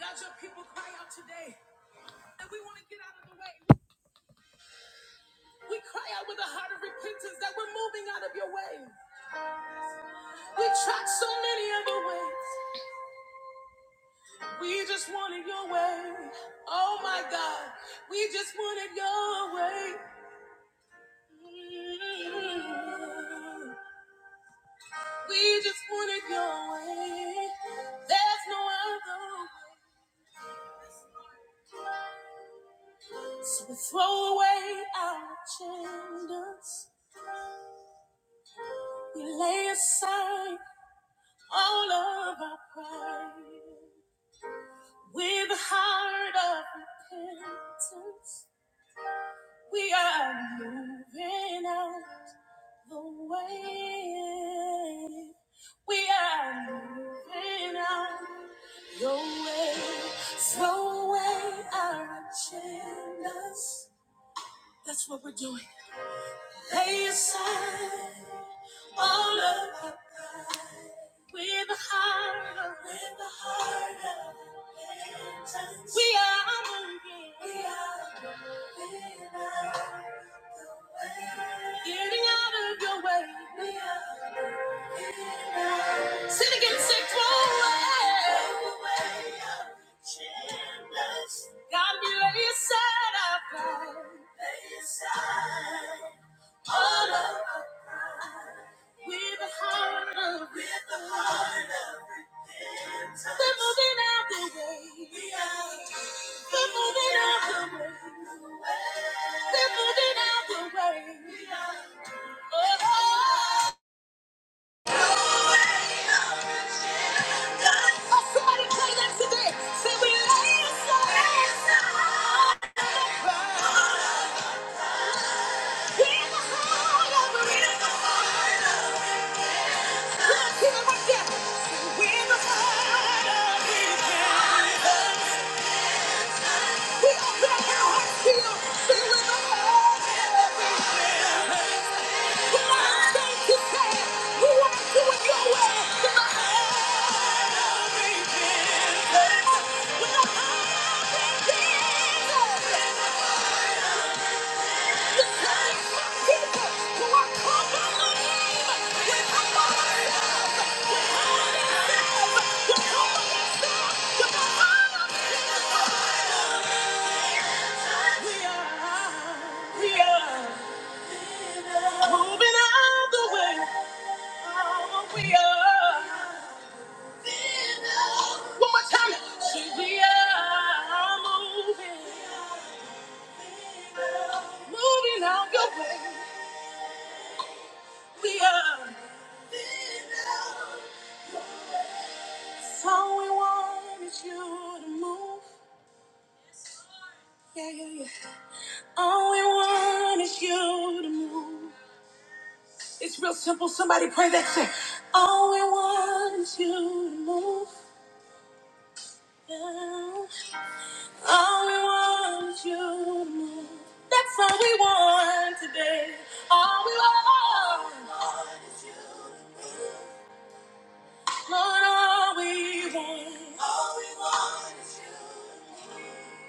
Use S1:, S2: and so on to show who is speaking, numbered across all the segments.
S1: God, your people cry out today. And we want to get out of the way. We cry out with a heart of repentance that we're moving out of your way. We tried so many other ways. We just wanted your way. Oh my God. We just wanted your way. Mm. We just wanted your way. There's no other way. So we throw away our agendas. We lay aside. All of our pride with a heart of repentance. We are moving out the way. We are moving out the way. Throw away our agendas. That's what we're doing. Lay aside all of our pride with a heart of with a heart of repentance. We are moving. We are moving on. Getting out of your way. We are sin against it. Throw away. away our agendas. God, we lay aside our pride. Lay aside all of our With a heart of with a heart of repentance. we're moving out the way. We are we're moving out the way. We're moving out the way. We are oh. oh somebody play that today. Say we lay aside. We are moving out the way. Oh, We are. One more time. See, we are moving, moving out your way. We are. All we want is you to move. Yeah, yeah, yeah. All we want is you to move. It's real simple. Somebody pray that shit. All we want is you to move. Yeah. I want you more. That's all we want today. All we want. Lord, is you. Lord, all we want. All we want is you.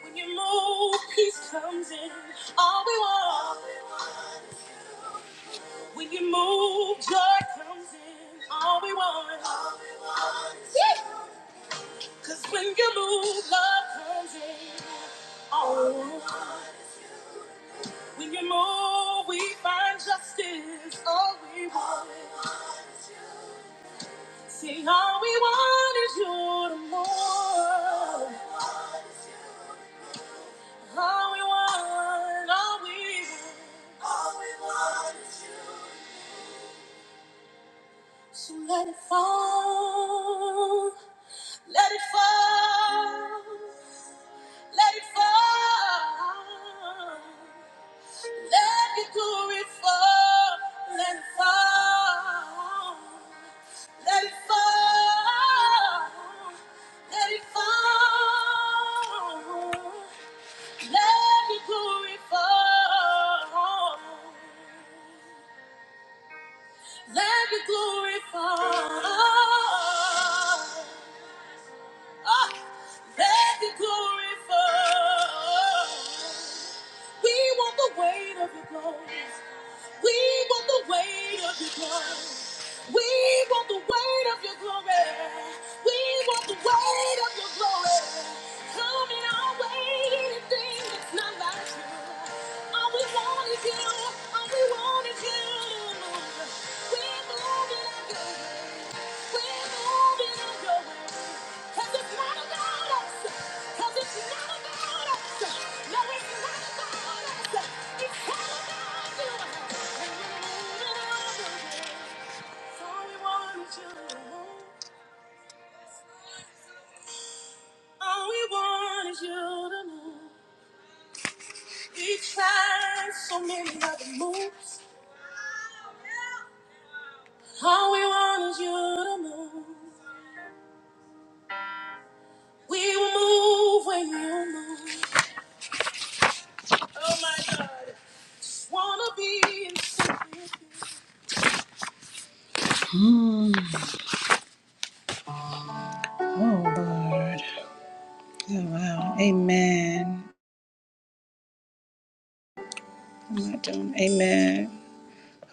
S1: When you move, peace comes in. All we want. All we want is you. When you move, joy comes in. All we want. All we want is you. Cause when you move, love comes in. Oh, when you move, we find justice. All we want. See, all we want is you to move. All we want, all we want. All we want is you. So let it fall. Let it fall. Let it fall. Let your glory fall. Let it fall. Let it fall. Let it fall. Let your glory fall. Let your glory fall. Ah, let the glory fall. We want the weight of your glory. We want the weight of your glory. We want the weight of your glory. We want the weight of your glory. Coming our way, anything that's not like you. All we want is you. All we want is you. We're moving on your way. We're moving on your way. 'Cause it's not about us. 'Cause it's not about us. No, it's not about us. It's all about you. All we want is you to know. All we want is you to know. We tried so many other moves. All we want is you to move. We will move when you move. Oh my God. Wanna be in something. Mm. Oh Lord. Oh wow. Amen. I'm not doing. Amen.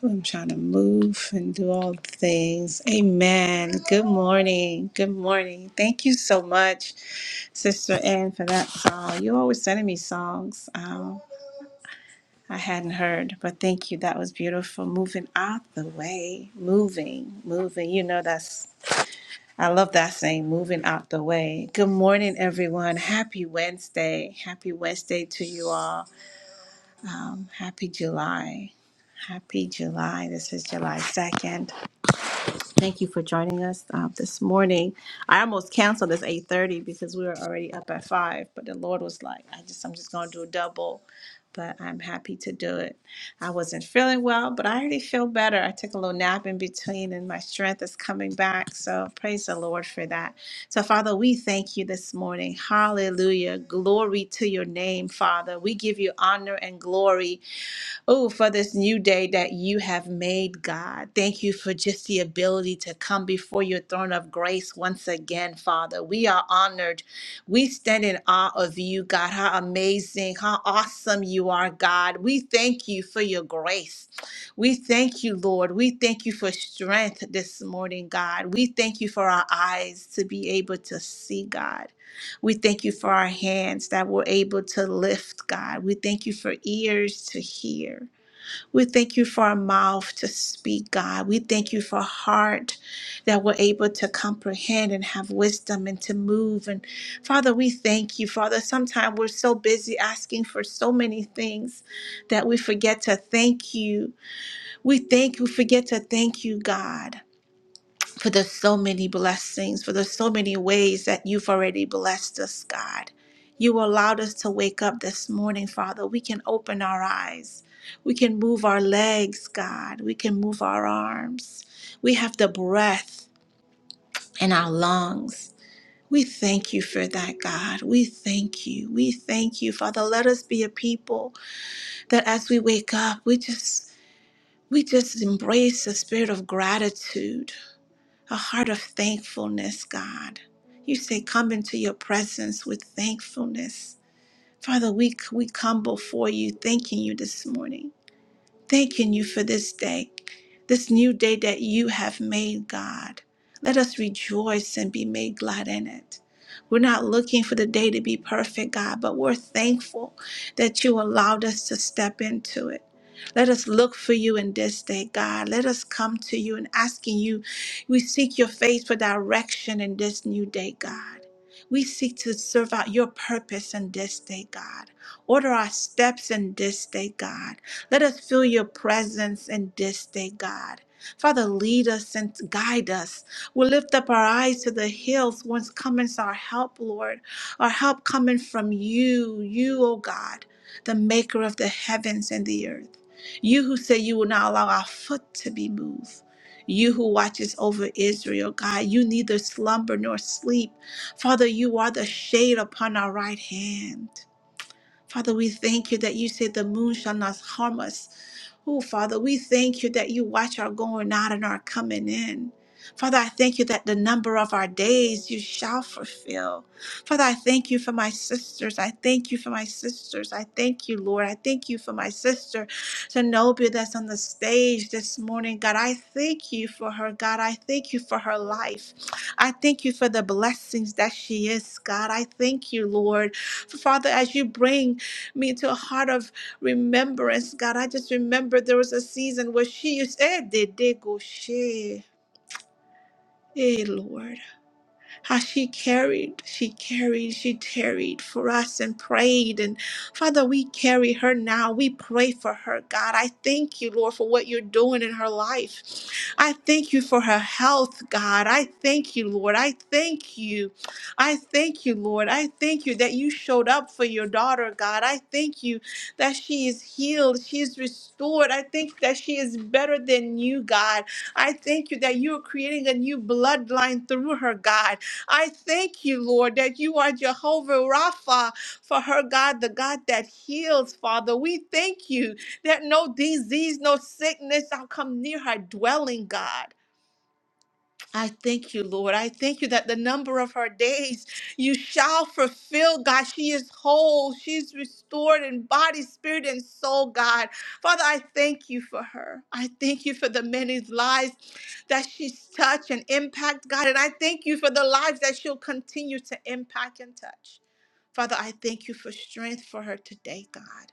S1: I'm trying to move and do all the things. Amen. Good morning. Good morning. Thank you so much, Sister Ann, for that song. You always sending me songs um, I hadn't heard, but thank you. That was beautiful. Moving out the way. Moving, moving. You know, that's, I love that saying, moving out the way. Good morning, everyone. Happy Wednesday. Happy Wednesday to you all. Um, happy July. Happy July. This is July 2nd. Thank you for joining us uh, this morning. I almost canceled this 8:30 because we were already up at five, but the Lord was like, "I just, I'm just going to do a double." But I'm happy to do it. I wasn't feeling well, but I already feel better. I took a little nap in between, and my strength is coming back. So praise the Lord for that. So Father, we thank you this morning. Hallelujah! Glory to your name, Father. We give you honor and glory. Oh, for this new day that you have made, God. Thank you for just the ability to come before your throne of grace once again, Father. We are honored. We stand in awe of you, God. How amazing, how awesome you are, God. We thank you for your grace. We thank you, Lord. We thank you for strength this morning, God. We thank you for our eyes to be able to see, God. We thank you for our hands that were able to lift, God. We thank you for ears to hear. We thank you for a mouth to speak, God. We thank you for a heart that we're able to comprehend and have wisdom and to move. And Father, we thank you, Father. Sometimes we're so busy asking for so many things that we forget to thank you. We thank you, forget to thank you, God for the so many blessings, for the so many ways that you've already blessed us, God. You allowed us to wake up this morning, Father. We can open our eyes. We can move our legs, God. We can move our arms. We have the breath in our lungs. We thank you for that, God. We thank you. We thank you, Father. Let us be a people that as we wake up, we just we just embrace the spirit of gratitude a heart of thankfulness, God. You say, come into your presence with thankfulness. Father, we, we come before you, thanking you this morning. Thanking you for this day, this new day that you have made, God. Let us rejoice and be made glad in it. We're not looking for the day to be perfect, God, but we're thankful that you allowed us to step into it. Let us look for you in this day, God. Let us come to you and asking you. We seek your face for direction in this new day, God. We seek to serve out your purpose in this day, God. Order our steps in this day, God. Let us feel your presence in this day, God. Father, lead us and guide us. We lift up our eyes to the hills whence cometh our help, Lord. Our help coming from you, you, O God, the maker of the heavens and the earth. You who say you will not allow our foot to be moved. You who watches over Israel, God, you neither slumber nor sleep. Father, you are the shade upon our right hand. Father, we thank you that you said the moon shall not harm us Oh, Father, we thank you that you watch our going out and our coming in. Father, I thank you that the number of our days you shall fulfill. Father, I thank you for my sisters. I thank you for my sisters. I thank you, Lord. I thank you for my sister, Zenobia, that's on the stage this morning. God, I thank you for her. God, I thank you for her life. I thank you for the blessings that she is, God. I thank you, Lord. Father, as you bring me to a heart of remembrance, God. I just remember there was a season where she used, eh, did they go share? Hey, Lord how she carried, she carried, she tarried for us and prayed. And Father, we carry her now. We pray for her, God. I thank you, Lord, for what you're doing in her life. I thank you for her health, God. I thank you, Lord. I thank you. I thank you, Lord. I thank you that you showed up for your daughter, God. I thank you that she is healed, she is restored. I think that she is better than you, God. I thank you that you are creating a new bloodline through her, God. I thank you, Lord, that you are Jehovah Rapha for her, God, the God that heals, Father. We thank you that no disease, no sickness shall come near her dwelling, God. I thank you, Lord. I thank you that the number of her days you shall fulfill, God. She is whole. She's restored in body, spirit, and soul, God. Father, I thank you for her. I thank you for the many lives that she's touched and impact, God. And I thank you for the lives that she'll continue to impact and touch. Father, I thank you for strength for her today, God.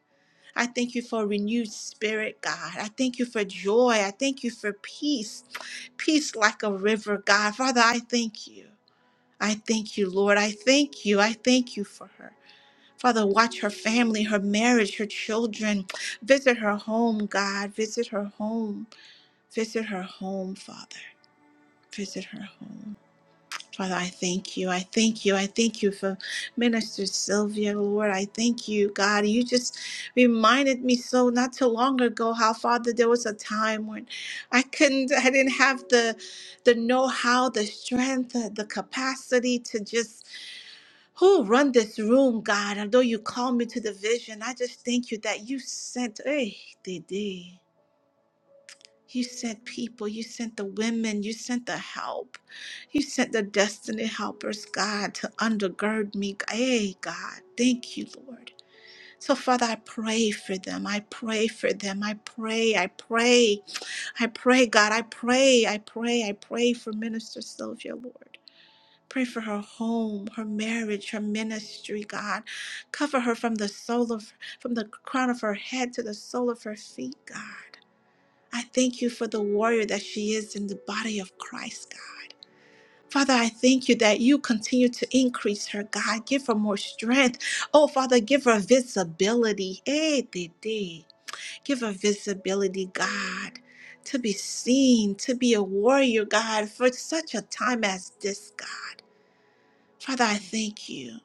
S1: I thank you for a renewed spirit, God. I thank you for joy. I thank you for peace, peace like a river, God. Father, I thank you. I thank you, Lord. I thank you. I thank you for her. Father, watch her family, her marriage, her children. Visit her home, God. Visit her home. Visit her home, Father. Visit her home. Father, I thank you. I thank you. I thank you for Minister Sylvia, Lord. I thank you, God. You just reminded me so not too long ago how, Father, there was a time when I couldn't, I didn't have the the know-how, the strength, uh, the capacity to just who run this room, God. Although you called me to the vision, I just thank you that you sent. Hey, Didi. You sent people, you sent the women, you sent the help. You sent the destiny helpers, God, to undergird me. Hey, God, thank you, Lord. So, Father, I pray for them. I pray for them. I pray, I pray, I pray, God, I pray, I pray, I pray for Minister Sylvia, Lord. Pray for her home, her marriage, her ministry, God. Cover her from the soul of from the crown of her head to the sole of her feet, God. I thank you for the warrior that she is in the body of Christ, God. Father, I thank you that you continue to increase her, God. Give her more strength. Oh, Father, give her visibility. Eh, de, de. Give her visibility, God, to be seen, to be a warrior, God, for such a time as this, God. Father, I thank you.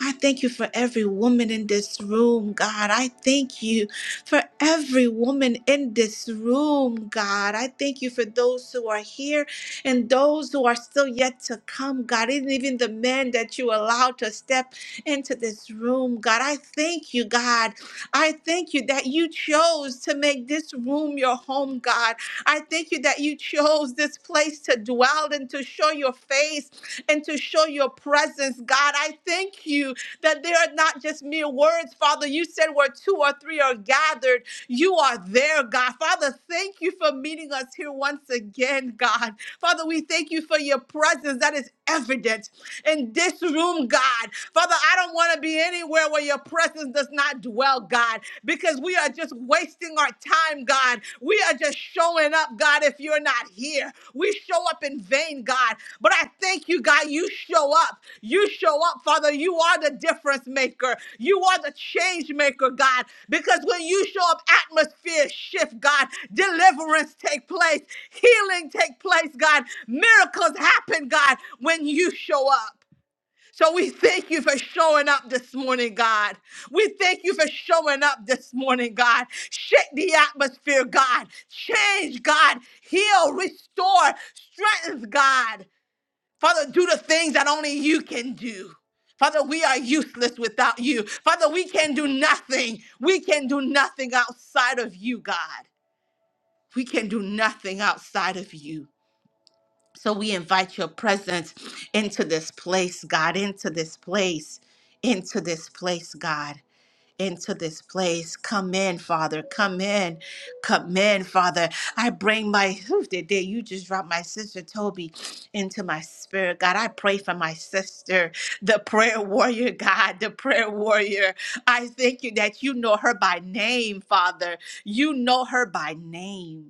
S1: I thank you for every woman in this room, God. I thank you for every woman in this room, God. I thank you for those who are here and those who are still yet to come, God. And even the men that you allowed to step into this room, God. I thank you, God. I thank you that you chose to make this room your home, God. I thank you that you chose this place to dwell and to show your face and to show your presence, God. I thank you that they are not just mere words, Father. You said where two or three are gathered, you are there, God. Father, thank you for meeting us here once again, God. Father, we thank you for your presence that is evident in this room, God. Father, I don't want to be anywhere where your presence does not dwell, God, because we are just wasting our time, God. We are just showing up, God, if you're not here. We show up in vain, God. But I thank you, God, you show up. You show up, Father. You are the difference maker. You are the change maker, God. Because when you show up, atmosphere shift, God. Deliverance take place. Healing take place, God. Miracles happen, God, when you show up. So we thank you for showing up this morning, God. We thank you for showing up this morning, God. Shake the atmosphere, God. Change, God. Heal, restore, strengthen, God. Father, do the things that only you can do. Father, we are useless without you. Father, we can do nothing. We can do nothing outside of you, God. We can do nothing outside of you. So we invite your presence into this place, God, into this place, into this place, God into this place. Come in, Father. Come in. Come in, Father. I bring my who did that? You just dropped my sister Toby into my spirit. God, I pray for my sister, the prayer warrior, God, the prayer warrior. I thank you that you know her by name, Father. You know her by name.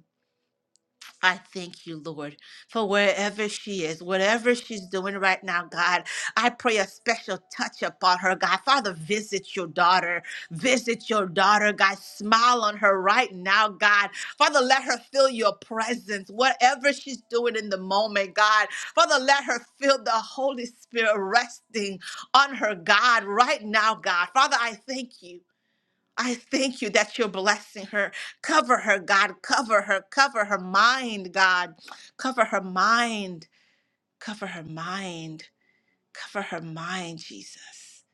S1: I thank you, Lord, for wherever she is, whatever she's doing right now, God. I pray a special touch upon her, God. Father, visit your daughter. Visit your daughter, God. Smile on her right now, God. Father, let her feel your presence, whatever she's doing in the moment, God. Father, let her feel the Holy Spirit resting on her, God, right now, God. Father, I thank you. I thank you that you're blessing her. Cover her, God. Cover her. Cover her mind, God. Cover her mind. Cover her mind. Cover her mind, Jesus.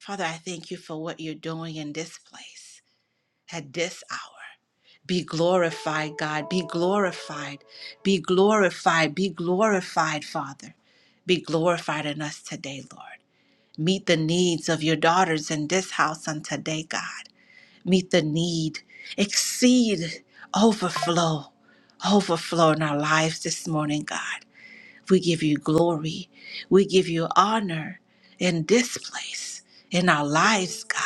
S1: Father, I thank you for what you're doing in this place at this hour. Be glorified, God. Be glorified. Be glorified. Be glorified, Father. Be glorified in us today, Lord. Meet the needs of your daughters in this house on today, God meet the need, exceed, overflow, overflow in our lives this morning, God. We give you glory. We give you honor in this place, in our lives, God.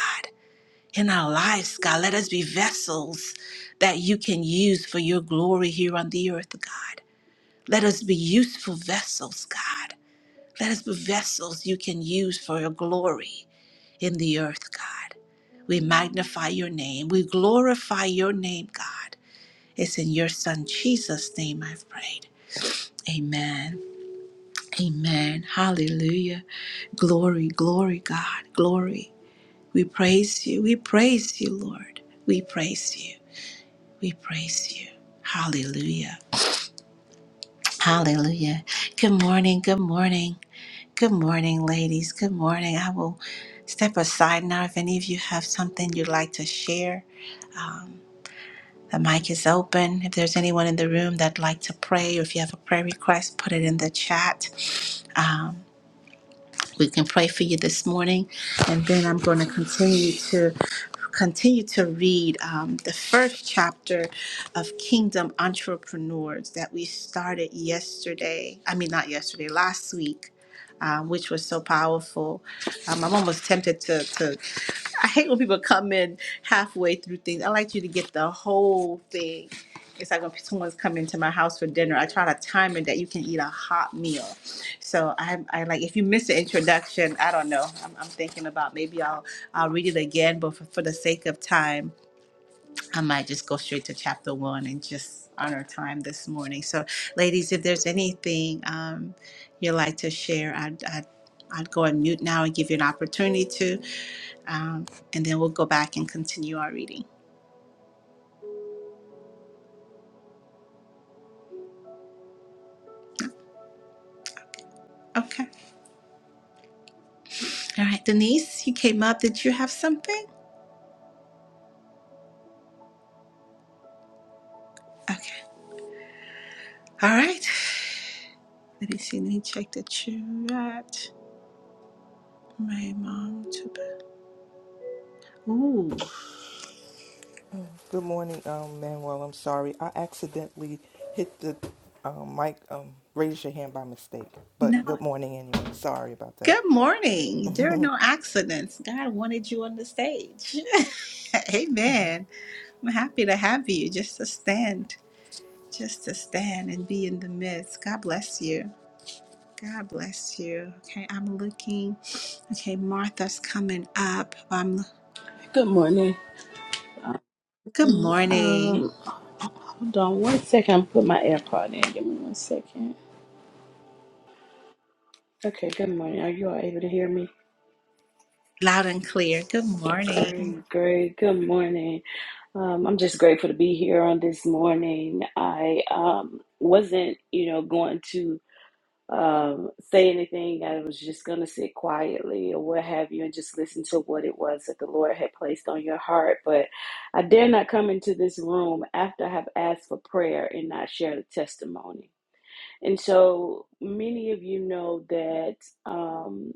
S1: In our lives, God. Let us be vessels that you can use for your glory here on the earth, God. Let us be useful vessels, God. Let us be vessels you can use for your glory in the earth, God. We magnify your name. We glorify your name, God. It's in your son Jesus' name I've prayed. Amen. Amen. Hallelujah. Glory, glory, God. Glory. We praise you. We praise you, Lord. We praise you. We praise you. Hallelujah. Hallelujah. Good morning. Good morning. Good morning, ladies. Good morning. I will step aside now if any of you have something you'd like to share. The mic is open. If there's anyone in the room that'd like to pray, or if you have a prayer request, put it in the chat. We can pray for you this morning, and then I'm going to continue to continue to read um, the first chapter of Kingdom Entrepreneurs that we started yesterday. I mean, not yesterday, last week. Um, which was so powerful. Um, I'm almost tempted to, to I hate when people come in halfway through things. I like you to get the whole thing. It's like when someone's coming to my house for dinner, I try to time it that you can eat a hot meal. So I, I like if you miss the introduction, I don't know. I'm, I'm thinking about maybe I'll I'll read it again, but for, for the sake of time, I might just go straight to chapter one and just honor time this morning. So, ladies, if there's anything um, you'd like to share, I'd, I'd I'd go and mute now and give you an opportunity to um, and then we'll go back and continue our reading. Okay. All right, Denise, you came up. Did you have something? Okay. All right. Let me see. Let me check the chat. My mom took. Ooh.
S2: Good morning, um, Manuel. I'm sorry. I accidentally hit the um, mic, um, raise your hand by mistake.
S1: No.
S2: But good morning anyway. Sorry about that.
S1: Good morning. There are no accidents. God wanted you on the stage. Amen. I'm happy to have you. Just to stand, just to stand and be in the midst. God bless you. God bless you. Okay, I'm looking. Okay, Martha's coming up. Um,
S3: Good morning.
S1: good morning.
S3: Um, hold on one second. I'm put my AirPod in. Give me one second. Okay. Good morning. Are you all able to hear me?
S1: Loud and clear. Good morning.
S3: Great, great. Good morning. Um, I'm just grateful to be here on this morning. I um wasn't, you know, going to um say anything. I was just gonna sit quietly or what have you, and just listen to what it was that the Lord had placed on your heart. But I dare not come into this room after I have asked for prayer and not share the testimony. And so many of you know that um,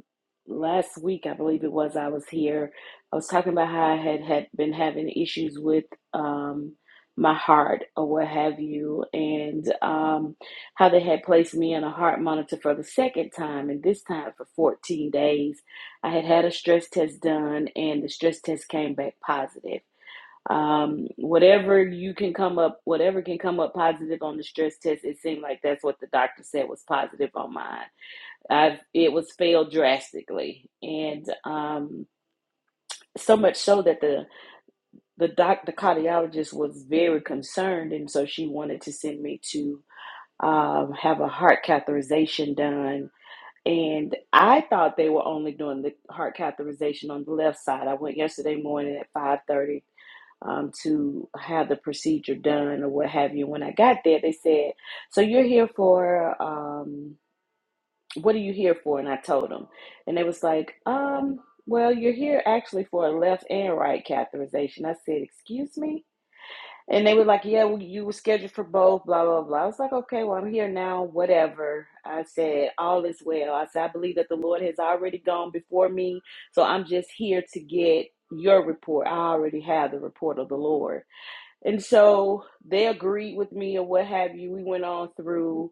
S3: last week, I believe it was, I was here. I was talking about how I had, had been having issues with um, my heart or what have you, and um, how they had placed me on a heart monitor for the second time, and this time for 14 days. I had had a stress test done, and the stress test came back positive um whatever you can come up whatever can come up positive on the stress test it seemed like that's what the doctor said was positive on mine i've it was failed drastically and um so much so that the the doc the cardiologist was very concerned and so she wanted to send me to um have a heart catheterization done and i thought they were only doing the heart catheterization on the left side i went yesterday morning at five thirty um, to have the procedure done or what have you. When I got there, they said, "So you're here for um, what are you here for?" And I told them, and they was like, um, "Well, you're here actually for a left and right catheterization." I said, "Excuse me." And they were like, "Yeah, well, you were scheduled for both." Blah blah blah. I was like, "Okay, well, I'm here now. Whatever." I said, "All is well." I said, "I believe that the Lord has already gone before me, so I'm just here to get your report. I already have the report of the Lord." And so they agreed with me or what have you. We went on through.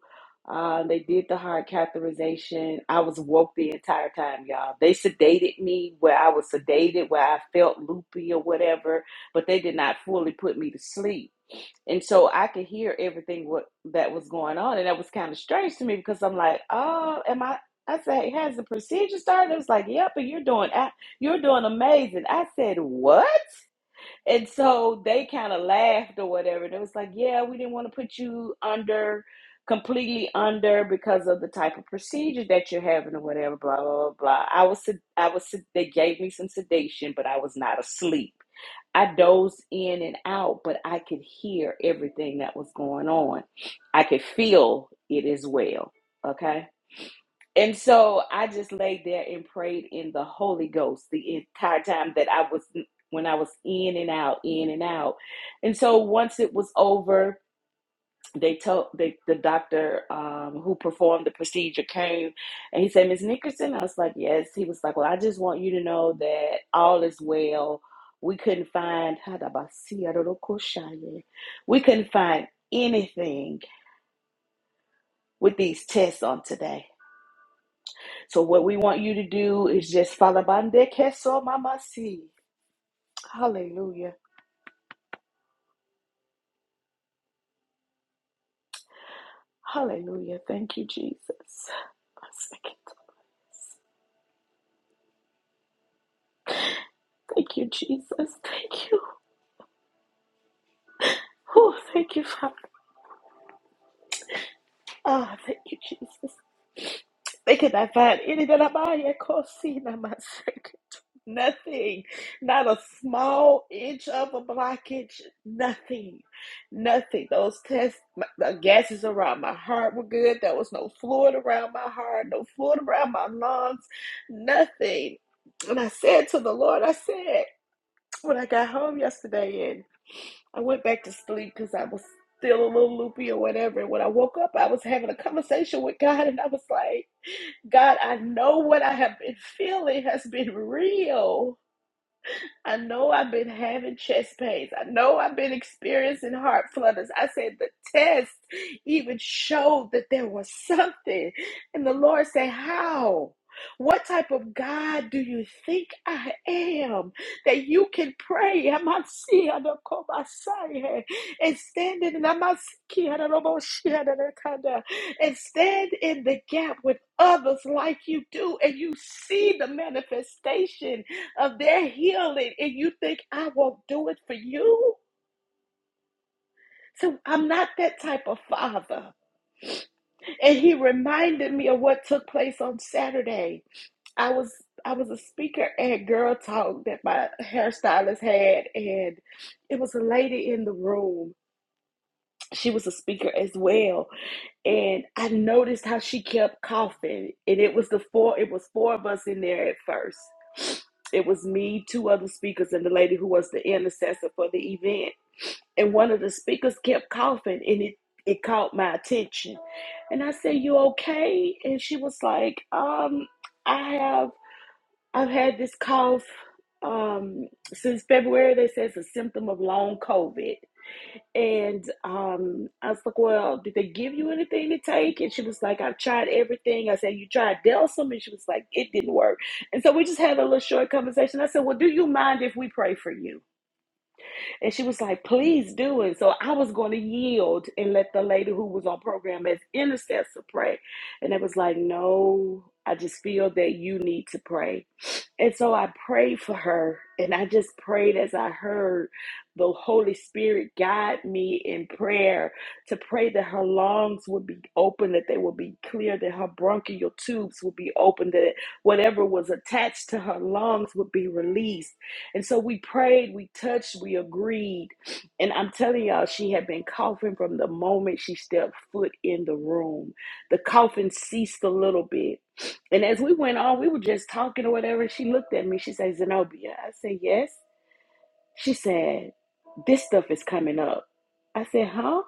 S3: Uh, they did the hard catheterization. I was woke the entire time, y'all. They sedated me where I was sedated, where I felt loopy or whatever, but they did not fully put me to sleep. And so I could hear everything what that was going on, and that was kind of strange to me because I'm like, oh, am I? I said, has the procedure started? It was like, yep, and you're doing, a- you're doing amazing. I said, what? And so they kind of laughed or whatever. And it was like, yeah, we didn't want to put you under, completely under because of the type of procedure that you're having or whatever, blah, blah, blah, blah. I was, I was, they gave me some sedation, but I was not asleep. I dozed in and out, but I could hear everything that was going on. I could feel it as well. Okay. And so I just laid there and prayed in the Holy Ghost the entire time that I was when I was in and out, in and out. And so once it was over, they told they, the doctor um, who performed the procedure came and he said, Miss Nickerson, I was like, Yes. He was like, Well, I just want you to know that all is well. We couldn't find we couldn't find anything with these tests on today. So what we want you to do is just falabande queso mama si. Hallelujah. Hallelujah. Thank you, Jesus. One second. Thank you, Jesus. Thank you. Oh, thank you, Father. Ah, thank you, Jesus. They could not find any that I buy at Cosina, my second. Nothing. Not a small inch of a blockage. Nothing. Nothing. Those tests, my, the gases around my heart were good. There was no fluid around my heart, no fluid around my lungs. Nothing. And I said to the Lord, I said, when I got home yesterday and I went back to sleep because I was still a little loopy or whatever. And when I woke up, I was having a conversation with God and I was like, God, I know what I have been feeling has been real. I know I've been having chest pains. I know I've been experiencing heart flutters. I said the test even showed that there was something. And the Lord said, How? What type of God do you think I am that you can pray Amasiadokobasai, and stand in Amasikiadoroboshiadakada, and stand in the gap with others like you do, and you see the manifestation of their healing, and you think I won't do it for you? So I'm not that type of father. And he reminded me of what took place on Saturday. I was I was a speaker at Girl Talk that my hairstylist had, and it was a lady in the room. She was a speaker as well, and I noticed how she kept coughing. And it was the four it was four of us in there at first. It was me, two other speakers, and the lady who was the intercessor for the event and one of the speakers kept coughing and it, it caught my attention and i said you okay and she was like um i have i've had this cough um since february they say it's a symptom of long covid and um i was like well did they give you anything to take and she was like i've tried everything i said you tried delsum and she was like it didn't work and so we just had a little short conversation i said well do you mind if we pray for you and she was like, please do it. So I was going to yield and let the lady who was on program as intercessor pray. And it was like, no, I just feel that you need to pray. And so I prayed for her. And I just prayed as I heard the Holy Spirit guide me in prayer to pray that her lungs would be open, that they would be clear, that her bronchial tubes would be open, that whatever was attached to her lungs would be released and so we prayed, we touched, we agreed. And I'm telling y'all, she had been coughing from the moment she stepped foot in the room. The coughing ceased a little bit. And as we went on, we were just talking or whatever. She looked at me. She said, Zenobia. I said, yes. She said, this stuff is coming up. I said, huh?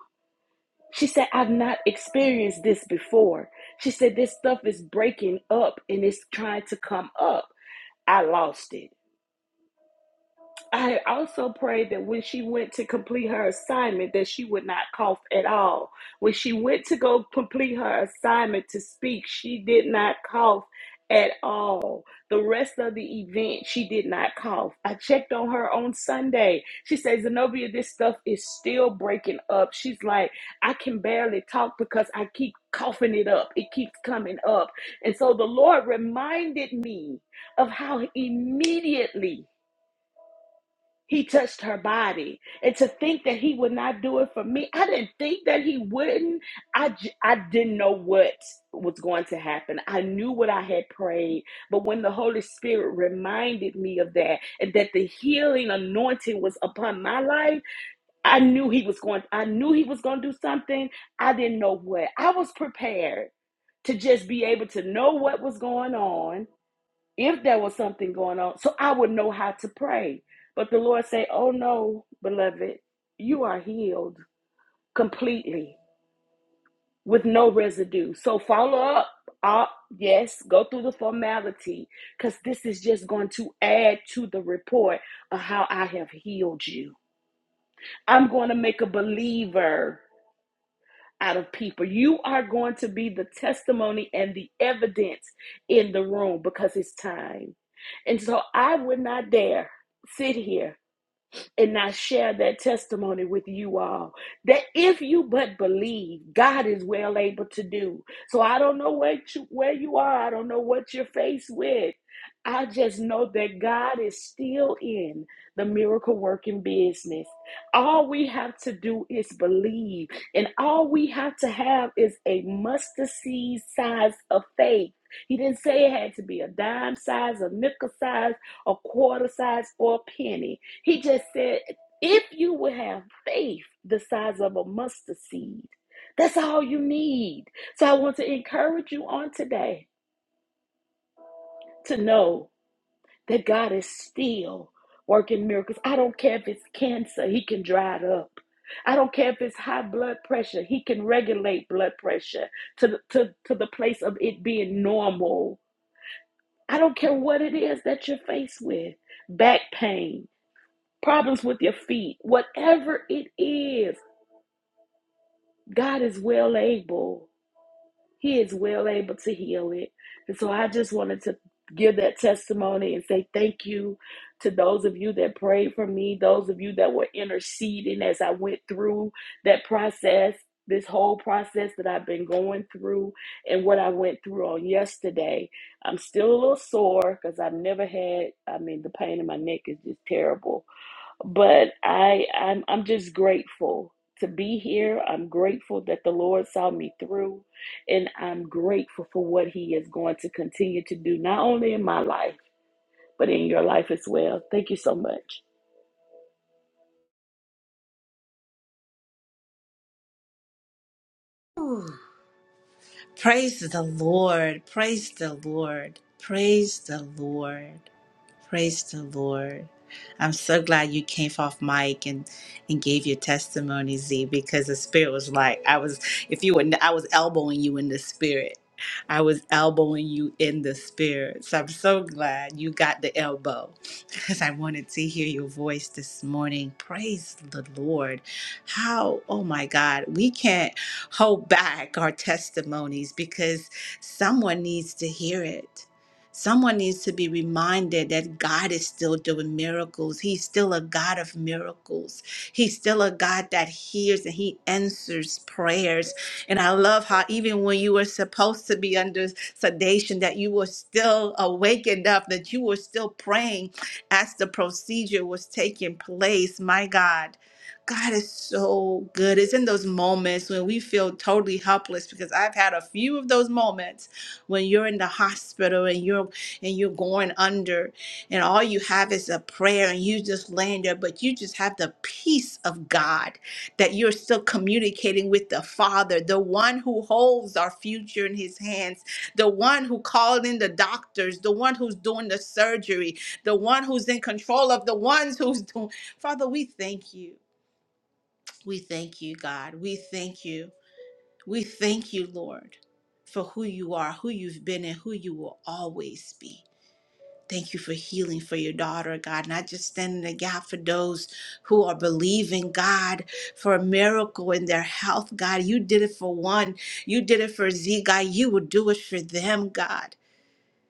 S3: She said, I've not experienced this before. She said, this stuff is breaking up and it's trying to come up. I lost it. I had also prayed that when she went to complete her assignment, that she would not cough at all. When she went to go complete her assignment to speak, she did not cough at all. The rest of the event, she did not cough. I checked on her on Sunday. She says, Zenobia, this stuff is still breaking up. She's like, I can barely talk because I keep coughing it up. It keeps coming up. And so the Lord reminded me of how immediately he touched her body. And to think that he would not do it for me, I didn't think that he wouldn't. I, j- I didn't know what was going to happen. I knew what I had prayed. But when the Holy Spirit reminded me of that and that the healing anointing was upon my life, I knew he was going, I knew he was going to do something. I didn't know what. I was prepared to just be able to know what was going on if there was something going on, so I would know how to pray. But the Lord say, "Oh no, beloved, you are healed completely with no residue." So follow up. Uh, yes, go through the formality because this is just going to add to the report of how I have healed you. I'm going to make a believer. out of people. You are going to be the testimony and the evidence in the room because it's time. And so I would not dare sit here and I share that testimony with you all that if you but believe, God is well able to do. So I don't know where you, where you are, I don't know what you're faced with. I just know that God is still in the miracle working business. All we have to do is believe, and all we have to have is a mustard seed size of faith. He didn't say it had to be a dime size, a nickel size, a quarter size, or a penny. He just said, if you would have faith the size of a mustard seed, that's all you need. So I want to encourage you on today to know that God is still working miracles. I don't care if it's cancer, He can dry it up. I don't care if it's high blood pressure, He can regulate blood pressure to the, to, to the place of it being normal. I don't care what it is that you're faced with back pain, problems with your feet, whatever it is. God is well able. He is well able to heal it. And so I just wanted to give that testimony and say thank you to those of you that prayed for me, those of you that were interceding as I went through that process, this whole process that I've been going through and what I went through on yesterday. I'm still a little sore because I've never had, I mean, the pain in my neck is just terrible but I I'm I'm just grateful to be here. I'm grateful that the Lord saw me through and I'm grateful for what he is going to continue to do not only in my life but in your life as well. Thank you so much.
S1: Praise the Lord. Praise the Lord. Praise the Lord. Praise the Lord. I'm so glad you came off mic and and gave your testimony, Z, because the spirit was like I was if you were I was elbowing you in the spirit. I was elbowing you in the spirit. So I'm so glad you got the elbow because I wanted to hear your voice this morning. Praise the Lord. How, oh my God, we can't hold back our testimonies because someone needs to hear it Someone needs to be reminded that God is still doing miracles. He's still a God of miracles. He's still a God that hears and he answers prayers. And I love how even when you were supposed to be under sedation, that you were still awakened up. that you were still praying as the procedure was taking place. My God. God is so good. It's in those moments when we feel totally helpless because I've had a few of those moments when you're in the hospital and you're and you're going under and all you have is a prayer and you just laying there but you just have the peace of god that you're still communicating with the father the one who holds our future in his hands the one who called in the doctors the one who's doing the surgery the one who's in control of the ones who's doing father we thank you we thank you god we thank you we thank you, Lord, for who you are, who you've been, and who you will always be. Thank you for healing for your daughter, God, not just standing in the gap for those who are believing, God, for a miracle in their health, God. You did it for one. You did it for Z, God. You will do it for them, God.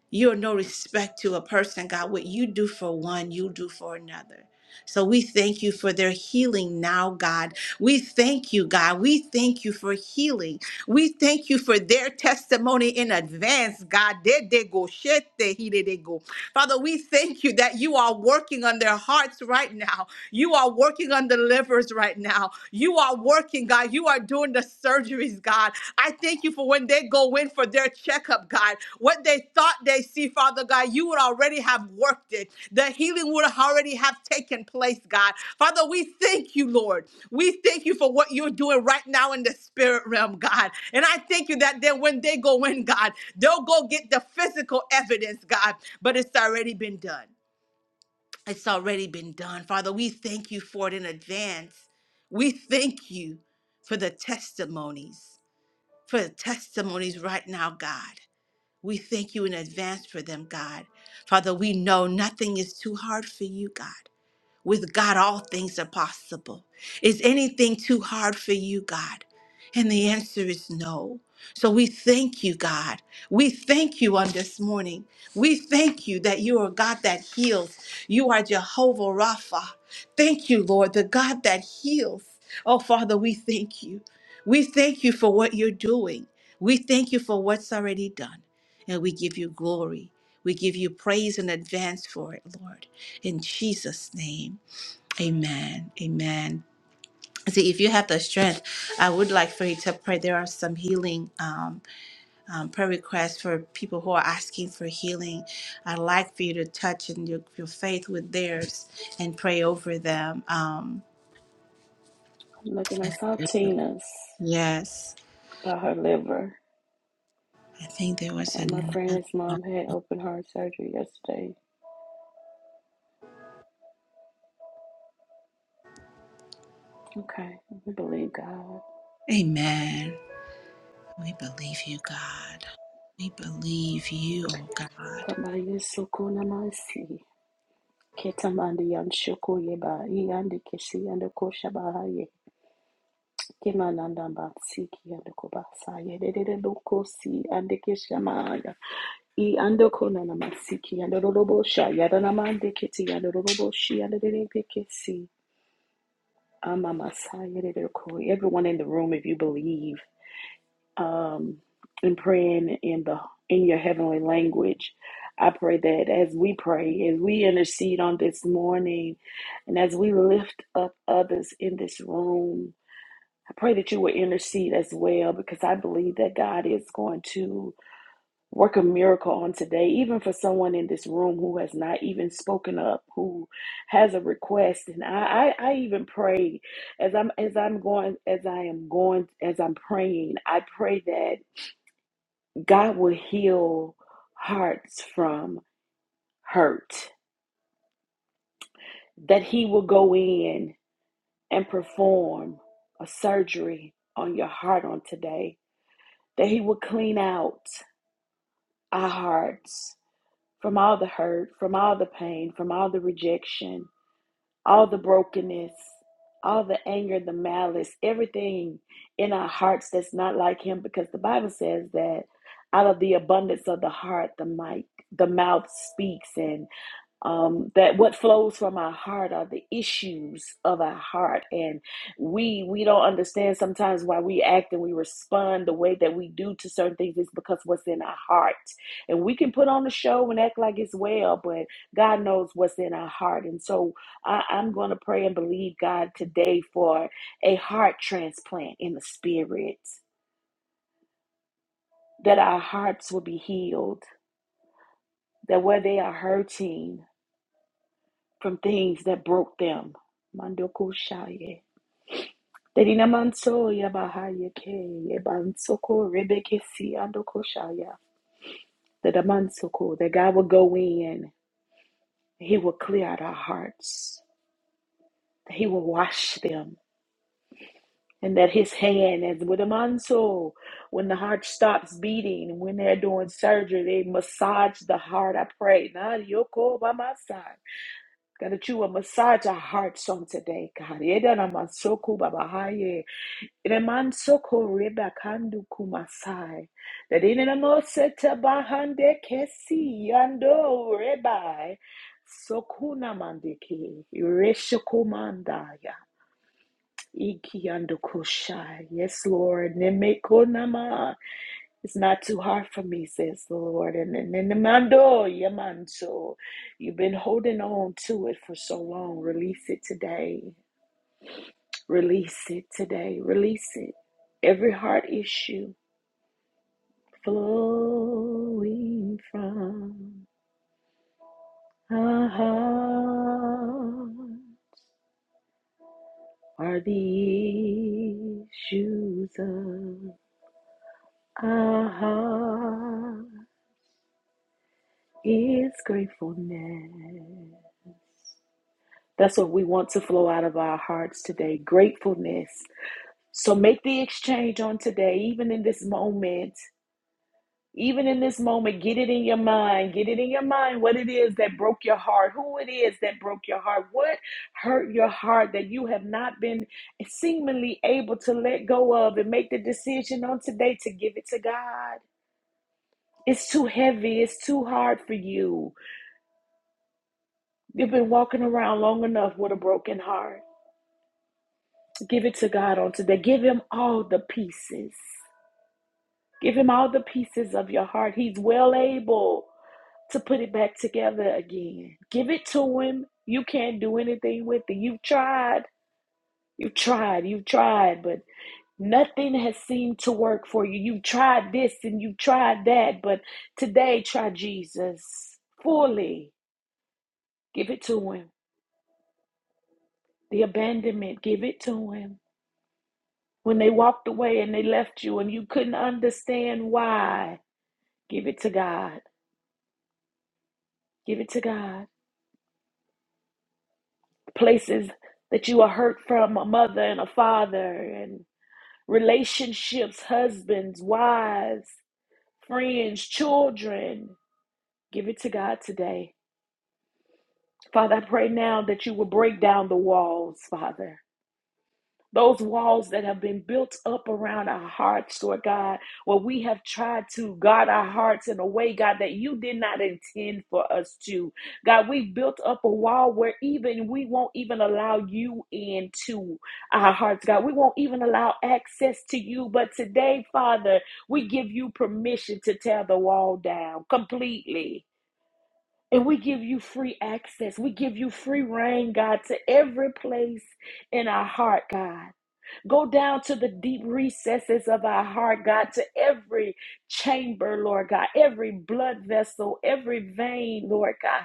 S1: You're no respect to a person, God. What you do for one, you do for another. So we thank you for their healing now, God. We thank you, God. We thank you for healing. We thank you for their testimony in advance, God. Did they go? Shit, they he did they go. Father, we thank you that you are working on their hearts right now. You are working on the livers right now. You are working, God. You are doing the surgeries, God. I thank you for when they go in for their checkup, God. What they thought they see, Father God, you would already have worked it. The healing would already have taken place, God. Father, we thank you, Lord. We thank you for what you're doing right now in the spirit realm, God. And I thank you that then when they go in, God, they'll go get the physical evidence, God, but it's already been done. It's already been done. Father, we thank you for it in advance. We thank you for the testimonies for the testimonies right now, God. We thank you in advance for them, God. Father, we know nothing is too hard for you, God. With God, all things are possible. Is anything too hard for you, God? And the answer is no. So we thank you, God. We thank you on this morning. We thank you that you are God that heals. You are Jehovah Rapha. Thank you, Lord, the God that heals. Oh, Father, we thank you. We thank you for what you're doing. We thank you for what's already done. And we give you glory. We give you praise in advance for it, Lord. In Jesus' name. Amen. Amen. See, if you have the strength, I would like for you to pray. There are some healing um, um, prayer requests for people who are asking for healing. I'd like for you to touch and your, your faith with theirs and pray over them. Um,
S3: I'm looking I saw Tina's
S1: yes,
S3: about her liver.
S1: I think there was
S3: Uh, my
S1: another.
S3: friend's
S1: one.
S3: mom had open heart surgery yesterday. Okay, we believe God.
S1: Amen. We believe you, God. We believe you, oh God.
S3: Kabaye soko namasi. Ketamandi yan shoko yeba. Iyandi kesi yanda Kemananda Batsiki and the Kobasa, Yedeboko Si and the Kishamaya, E and the Konana Masiki and the Robo Sha, Yadanamande Kitty and the Robo and the Debekesi, Amamasa Yedeboko. Everyone in the room, if you believe um, in praying in the in your heavenly language, I pray that as we pray, as we intercede on this morning, and as we lift up others in this room, I pray that you will intercede as well because I believe that God is going to work a miracle on today, even for someone in this room who has not even spoken up, who has a request. And I, I, I even pray as I'm as I'm going as I am going as I'm praying, I pray that God will heal hearts from hurt, that He will go in and perform a surgery on your heart on today, that He will clean out. our hearts from all the hurt, from all the pain, from all the rejection, all the brokenness, all the anger, the malice, everything in our hearts that's not like him because the Bible says that out of the abundance of the heart the mic the mouth speaks and um, that what flows from our heart are the issues of our heart and we we don't understand sometimes why we act and we respond the way that we do to certain things is because what's in our heart and we can put on a show and act like it's well but god knows what's in our heart and so I, i'm going to pray and believe god today for a heart transplant in the spirit that our hearts will be healed that where they are hurting from things that broke them. Mandoku shaye. Derina manso yabahaya ke yebansoko rebeke si andoko shaya. That a mansoko, that God will go in, He will clear out our hearts, that He will wash them, and that His hand is with a manso. When the heart stops beating, when they're doing surgery, they massage the heart. I pray. Nah, yoko by my side. God, that you will massage our hearts on today, God. Yedana mansoko babahaya. Remansoko rebakandu kumasai. That in a moseta bahande kesi ando rebai. Sokuna mandiki. Ireshokomandaya. Iki ando kushai. Yes, Lord. Nemekonama. It's not too hard for me, says the Lord. And then and then mando yamanso. You've been holding on to it for so long. Release it today. Release it today. Release it. Every heart issue. flowing from our heart are the issues of our heart is gratefulness. That's what we want to flow out of our hearts today gratefulness. So make the exchange on today, even in this moment. even in this moment, get it in your mind. Get it in your mind what it is that broke your heart, who it is that broke your heart, what hurt your heart that you have not been seemingly able to let go of and make the decision on today to give it to God. It's too heavy, it's too hard for you. You've been walking around long enough with a broken heart. Give it to God on today. Give Him all the pieces. Give Him all the pieces of your heart. He's well able. to put it back together again. Give it to him. You can't do anything with it. You've tried. You've tried. You've tried, but nothing has seemed to work for you. You've tried this and you've tried that, but today try Jesus fully. Give it to him. The abandonment, give it to him. When they walked away and they left you and you couldn't understand why, give it to God. Give it to God. Places that you are hurt from a mother and a father and relationships, husbands, wives, friends, children. Give it to God today. Father, I pray now that you will break down the walls, Father. Those walls that have been built up around our hearts, Lord God, where we have tried to guard our hearts in a way, God, that you did not intend for us to. God, we've built up a wall where even we won't even allow you into our hearts, God. We won't even allow access to you. But today, Father, we give you permission to tear the wall down completely. And we give you free access. We give you free reign, God, to every place in our heart, God. Go down to the deep recesses of our heart, God, to every chamber, Lord God, every blood vessel, every vein, Lord God.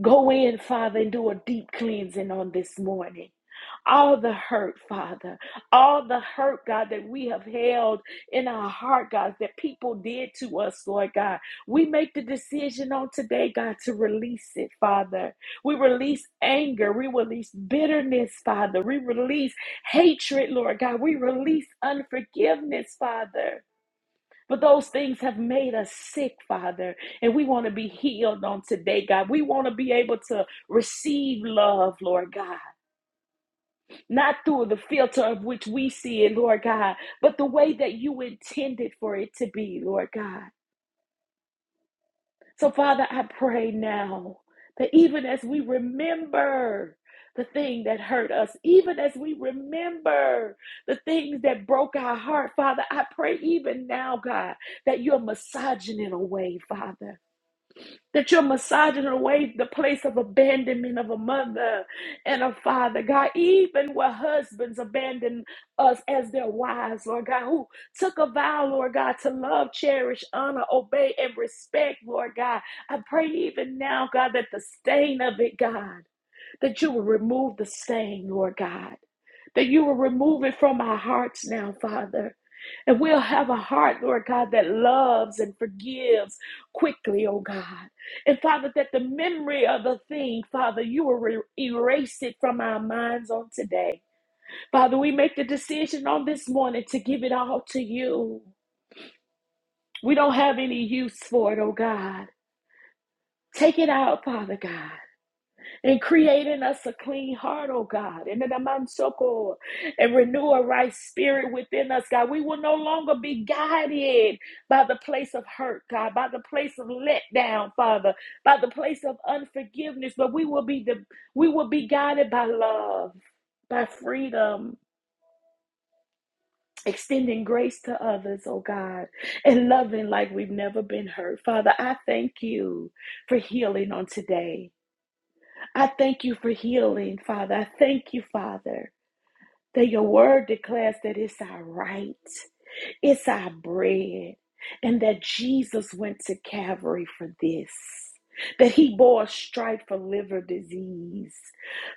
S3: Go in, Father, and do a deep cleansing on this morning. All the hurt, Father, all the hurt, God, that we have held in our heart, God, that people did to us, Lord God. We make the decision on today, God, to release it, Father. We release anger. We release bitterness, Father. We release hatred, Lord God. We release unforgiveness, Father. But those things have made us sick, Father. And we want to be healed on today, God. We want to be able to receive love, Lord God. Not through the filter of which we see it, Lord God, but the way that you intended for it to be, Lord God. So, Father, I pray now that even as we remember the thing that hurt us, even as we remember the things that broke our heart, Father, I pray even now, God, that you're massaging it away, Father. That you're massaging away the place of abandonment of a mother and a father, God, even where husbands abandon us as their wives, Lord God, who took a vow, Lord God, to love, cherish, honor, obey, and respect, Lord God. I pray even now, God, that the stain of it, God, that you will remove the stain, Lord God, that you will remove it from our hearts now, Father and we'll have a heart, Lord God, that loves and forgives quickly, oh God. And Father, that the memory of the thing, Father, you will re- erase it from our minds on today. Father, we make the decision on this morning to give it all to you. We don't have any use for it, oh God. Take it out, Father God. And create in us a clean heart, oh God, and in the mansoko, and renew a right spirit within us, God. We will no longer be guided by the place of hurt, God, by the place of letdown, Father, by the place of unforgiveness, but we will be the we will be guided by love, by freedom, extending grace to others, oh God, and loving like we've never been hurt. Father, I thank you for healing on today. I thank you for healing, Father. I thank you, Father, that your word declares that it's our right. It's our bread. And that Jesus went to Calvary for this. That he bore a stripe for liver disease.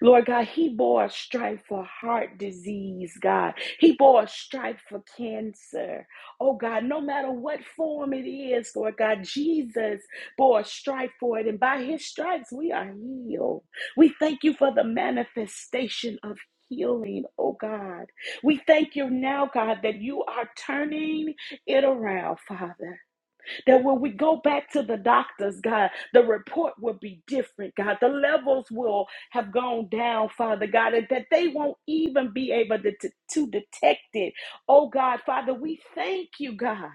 S3: Lord God, he bore a stripe for heart disease, God. He bore a stripe for cancer. Oh God, no matter what form it is, Lord God, Jesus bore a stripe for it. And by his stripes, we are healed. We thank you for the manifestation of healing, oh God. We thank you now, God, that you are turning it around, Father. That when we go back to the doctors, God, the report will be different, God. The levels will have gone down, Father God, and that they won't even be able to, to, to detect it. Oh, God, Father, we thank you, God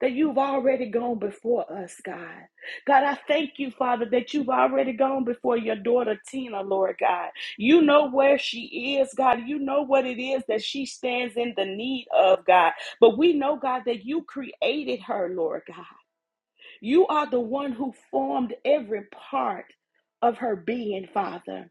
S3: that you've already gone before us, God. God, I thank you, Father, that you've already gone before your daughter Tina, Lord God. You know where she is, God. You know what it is that she stands in the need of, God. But we know, God, that you created her, Lord God. You are the one who formed every part of her being, Father.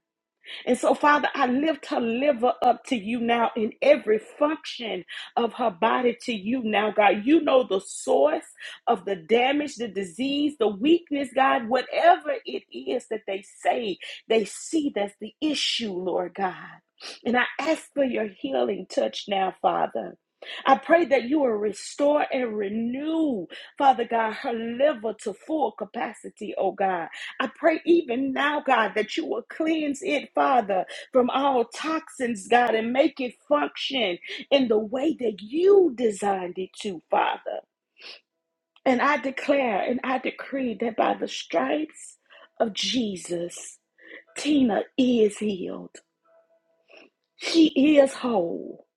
S3: And so, Father, I lift her liver up to you now in every function of her body to you now, God. You know the source of the damage, the disease, the weakness, God, whatever it is that they say, they see that's the issue, Lord God. And I ask for your healing touch now, Father. I pray that you will restore and renew, Father God, her liver to full capacity, oh God. I pray even now, God, that you will cleanse it, Father, from all toxins, God, and make it function in the way that you designed it to, Father. And I declare and I decree that by the stripes of Jesus, Tina is healed. She is whole.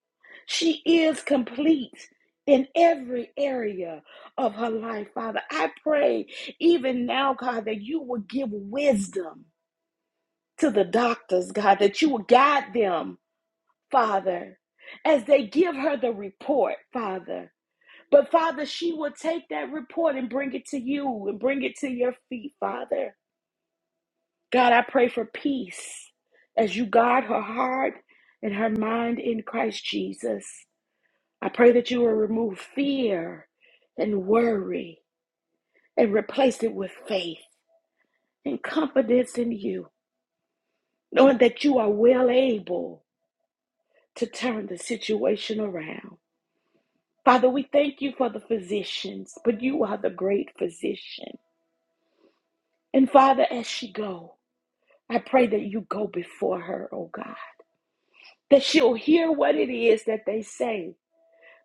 S3: She is complete in every area of her life, Father. I pray even now, God, that you will give wisdom to the doctors, God, that you will guide them, Father, as they give her the report, Father. But Father, she will take that report and bring it to you and bring it to your feet, Father. God, I pray for peace as you guard her heart and her mind in Christ Jesus. I pray that you will remove fear and worry and replace it with faith and confidence in you, knowing that you are well able to turn the situation around. Father, we thank you for the physicians, but you are the great physician. And Father, as she go, I pray that you go before her, oh God, that she'll hear what it is that they say,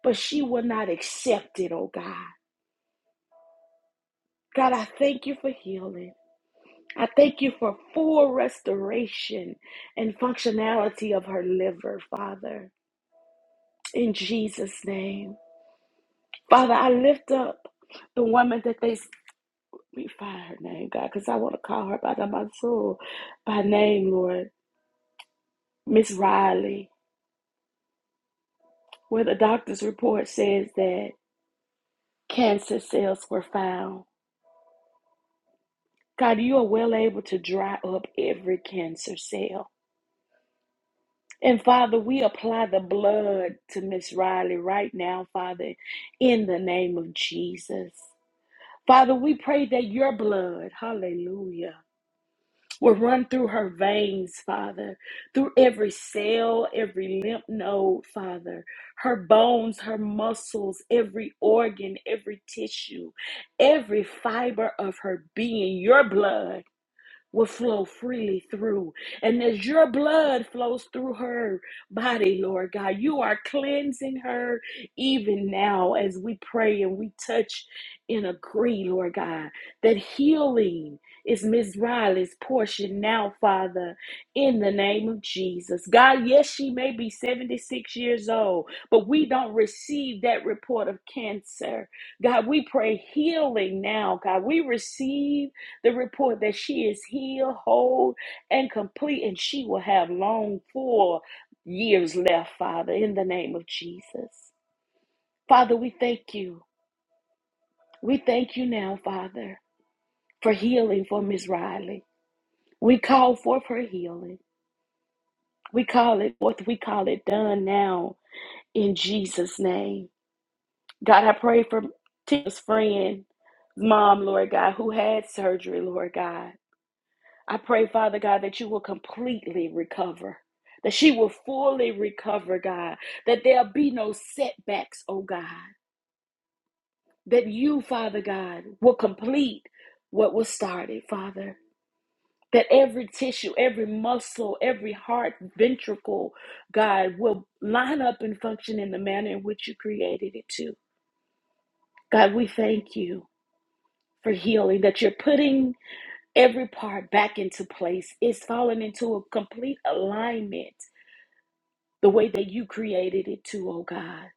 S3: but she will not accept it, oh God. God, I thank you for healing. I thank you for full restoration and functionality of her liver, Father, in Jesus' name. Father, I lift up the woman that they We fire her name, God, because I want to call her by the Mansoor, by name, Lord. Miss Riley, where the doctor's report says that cancer cells were found. God, you are well able to dry up every cancer cell. And Father, we apply the blood to Miss Riley right now, Father, in the name of Jesus. Father, we pray that your blood, hallelujah. will run through her veins, Father, through every cell, every lymph node, Father, her bones, her muscles, every organ, every tissue, every fiber of her being, your blood will flow freely through. And as your blood flows through her body, Lord God, you are cleansing her even now as we pray and we touch and agree, Lord God, that healing is Miss Riley's portion now, Father, in the name of Jesus. God, yes, she may be 76 years old, but we don't receive that report of cancer. God, we pray healing now. God, we receive the report that she is healed, whole, and complete, and she will have long four years left, Father, in the name of Jesus. Father, we thank you. We thank you now, Father, for healing for Miss Riley. We call forth her healing. We call it what we call it done now in Jesus' name. God, I pray for Tim's friend, mom, Lord God, who had surgery, Lord God. I pray, Father God, that you will completely recover, that she will fully recover, God, that there'll be no setbacks, oh God, that you, Father God, will complete what was started, Father. That every tissue, every muscle, every heart, ventricle, God, will line up and function in the manner in which you created it to. God, we thank you for healing, that you're putting every part back into place. It's fallen into a complete alignment the way that you created it to, oh God.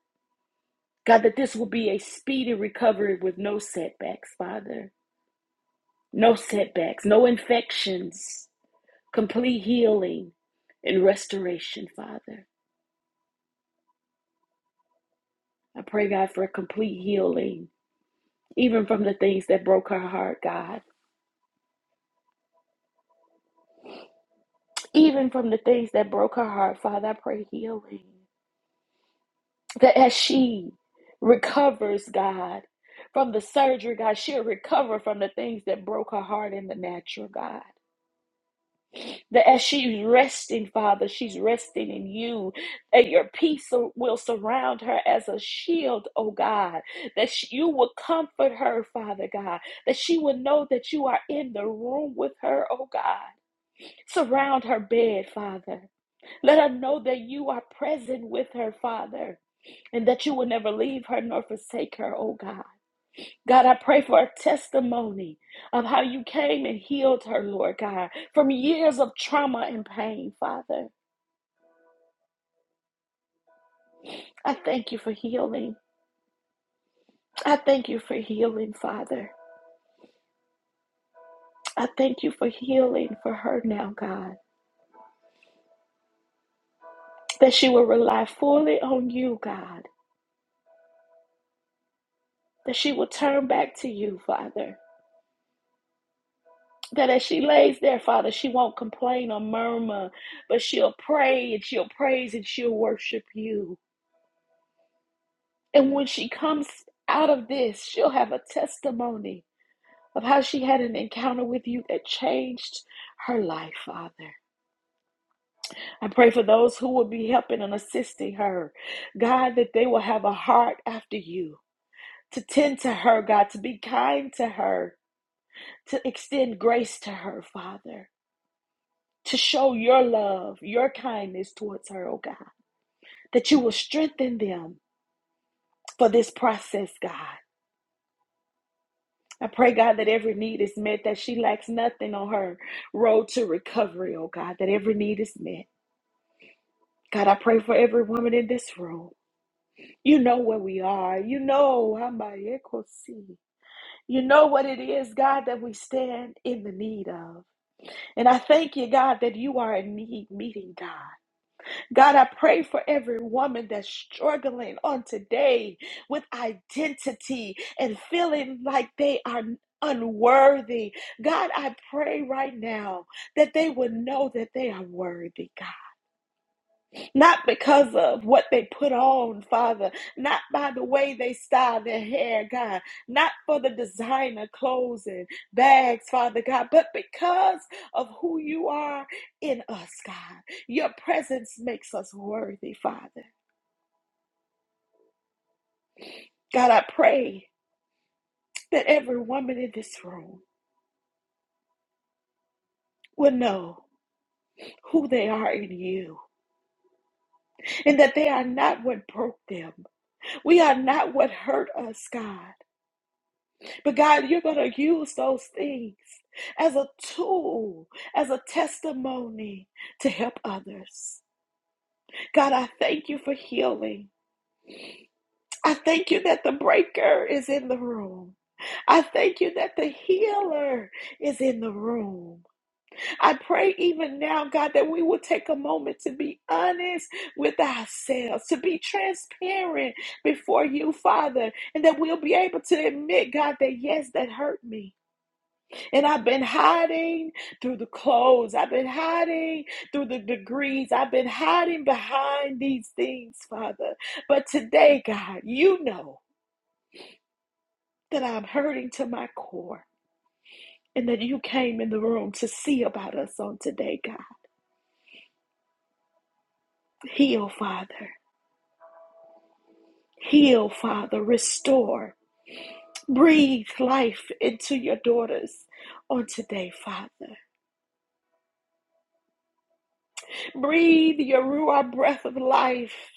S3: God, that this will be a speedy recovery with no setbacks, Father. No setbacks, no infections, complete healing and restoration, Father. I pray, God, for a complete healing, even from the things that broke her heart, God. Even from the things that broke her heart, Father, I pray healing. That as she recovers, God, from the surgery, God, she'll recover from the things that broke her heart in the natural, God. That as she's resting, Father, she's resting in you, and your peace sur- will surround her as a shield, oh God. That sh- you will comfort her, Father God. That she will know that you are in the room with her, oh God. Surround her bed, Father. Let her know that you are present with her, Father, and that you will never leave her nor forsake her, oh God. God, I pray for a testimony of how you came and healed her, Lord God, from years of trauma and pain, Father. I thank you for healing. I thank you for healing, Father. I thank you for healing for her now, God, that she will rely fully on you, God, that she will turn back to you, Father. That as she lays there, Father, she won't complain or murmur, but she'll pray and she'll praise and she'll worship you. And when she comes out of this, she'll have a testimony of how she had an encounter with you that changed her life, Father. I pray for those who will be helping and assisting her, God, that they will have a heart after you to tend to her, God, to be kind to her, to extend grace to her, Father. To show your love, your kindness towards her, oh God, that you will strengthen them for this process, God. I pray, God, that every need is met, that she lacks nothing on her road to recovery, oh God, that every need is met. God, I pray for every woman in this room. You know where we are. You know, Hamayekosi. you know what it is, God, that we stand in the need of. And I thank you, God, that you are a need meeting God. God, I pray for every woman that's struggling on today with identity and feeling like they are unworthy. God, I pray right now that they would know that they are worthy, God not because of what they put on, Father, not by the way they style their hair, God, not for the designer clothes and bags, Father God, but because of who you are in us, God. Your presence makes us worthy, Father. God, I pray that every woman in this room will know who they are in you and that they are not what broke them. We are not what hurt us, God. But God, you're going to use those things as a tool, as a testimony to help others. God, I thank you for healing. I thank you that the breaker is in the room. I thank you that the healer is in the room. I pray even now, God, that we will take a moment to be honest with ourselves, to be transparent before you, Father, and that we'll be able to admit, God, that yes, that hurt me. And I've been hiding through the clothes. I've been hiding through the degrees. I've been hiding behind these things, Father. But today, God, you know that I'm hurting to my core and that you came in the room to see about us on today, God. Heal, Father. Heal, Father. Restore. Breathe life into your daughters on today, Father. Breathe your Ruah breath of life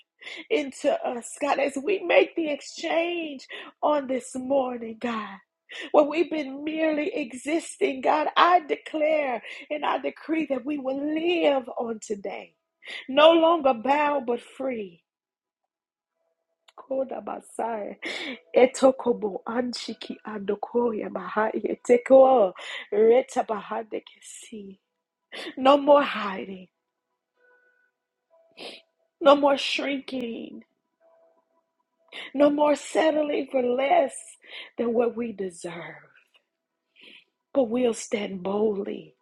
S3: into us, God, as we make the exchange on this morning, God. When we've been merely existing, God, I declare and I decree that we will live on today, no longer bound but free. No more hiding, no more shrinking, No more settling for less than what we deserve, but we'll stand boldly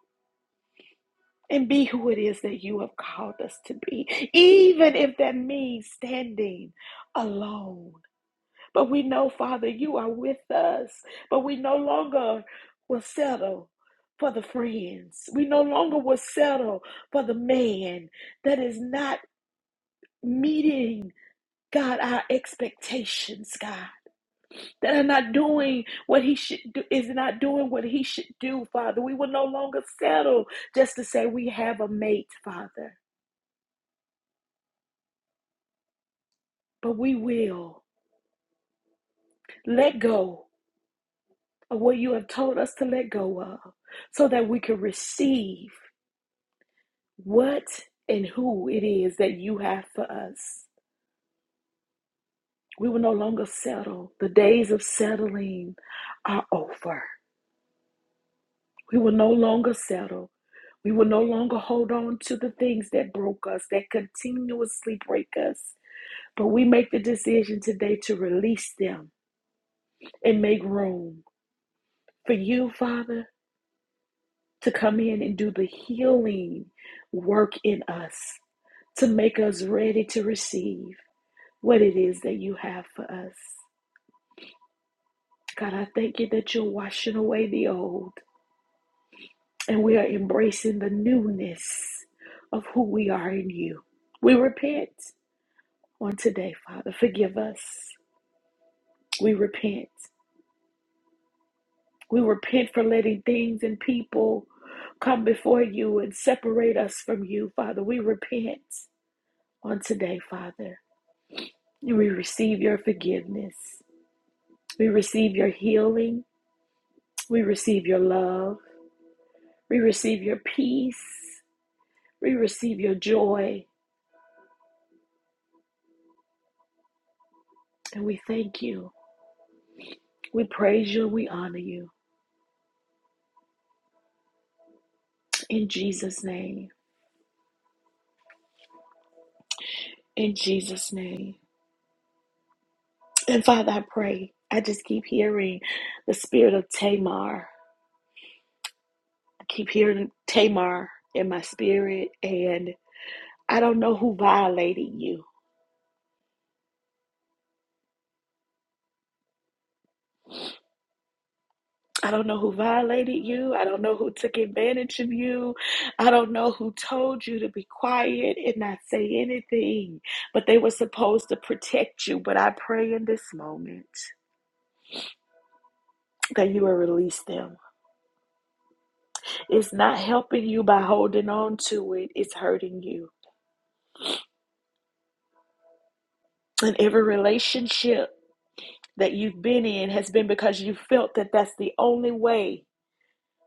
S3: and be who it is that you have called us to be, even if that means standing alone. But we know, Father, you are with us, but we no longer will settle. For the friends. We no longer will settle for the man that is not meeting, God, our expectations, God. that are not doing what he should do, is not doing what he should do, Father. We will no longer settle just to say we have a mate, Father, but we will let go of what you have told us to let go of so that we can receive what and who it is that you have for us. We will no longer settle. The days of settling are over. We will no longer settle. We will no longer hold on to the things that broke us, that continuously break us. But we make the decision today to release them and make room for you, Father, to come in and do the healing work in us, to make us ready to receive what it is that you have for us. God, I thank you that you're washing away the old. and we are embracing the newness of who we are in you. We repent on today, Father. Forgive us. We repent. We repent for letting things and people come before you and separate us from you, Father. We repent on today, Father. we receive your forgiveness. We receive your healing. We receive your love. We receive your peace. We receive your joy. And we thank you. We praise you. We honor you. In Jesus' name. In Jesus' name. And Father, I pray. I just keep hearing the spirit of Tamar. I keep hearing Tamar in my spirit. And I don't know who violated you. I don't know who violated you. I don't know who took advantage of you. I don't know who told you to be quiet and not say anything. But they were supposed to protect you. But I pray in this moment that you will release them It's not helping you by holding on to it, it's hurting you. And every relationship that you've been in has been because you felt that that's the only way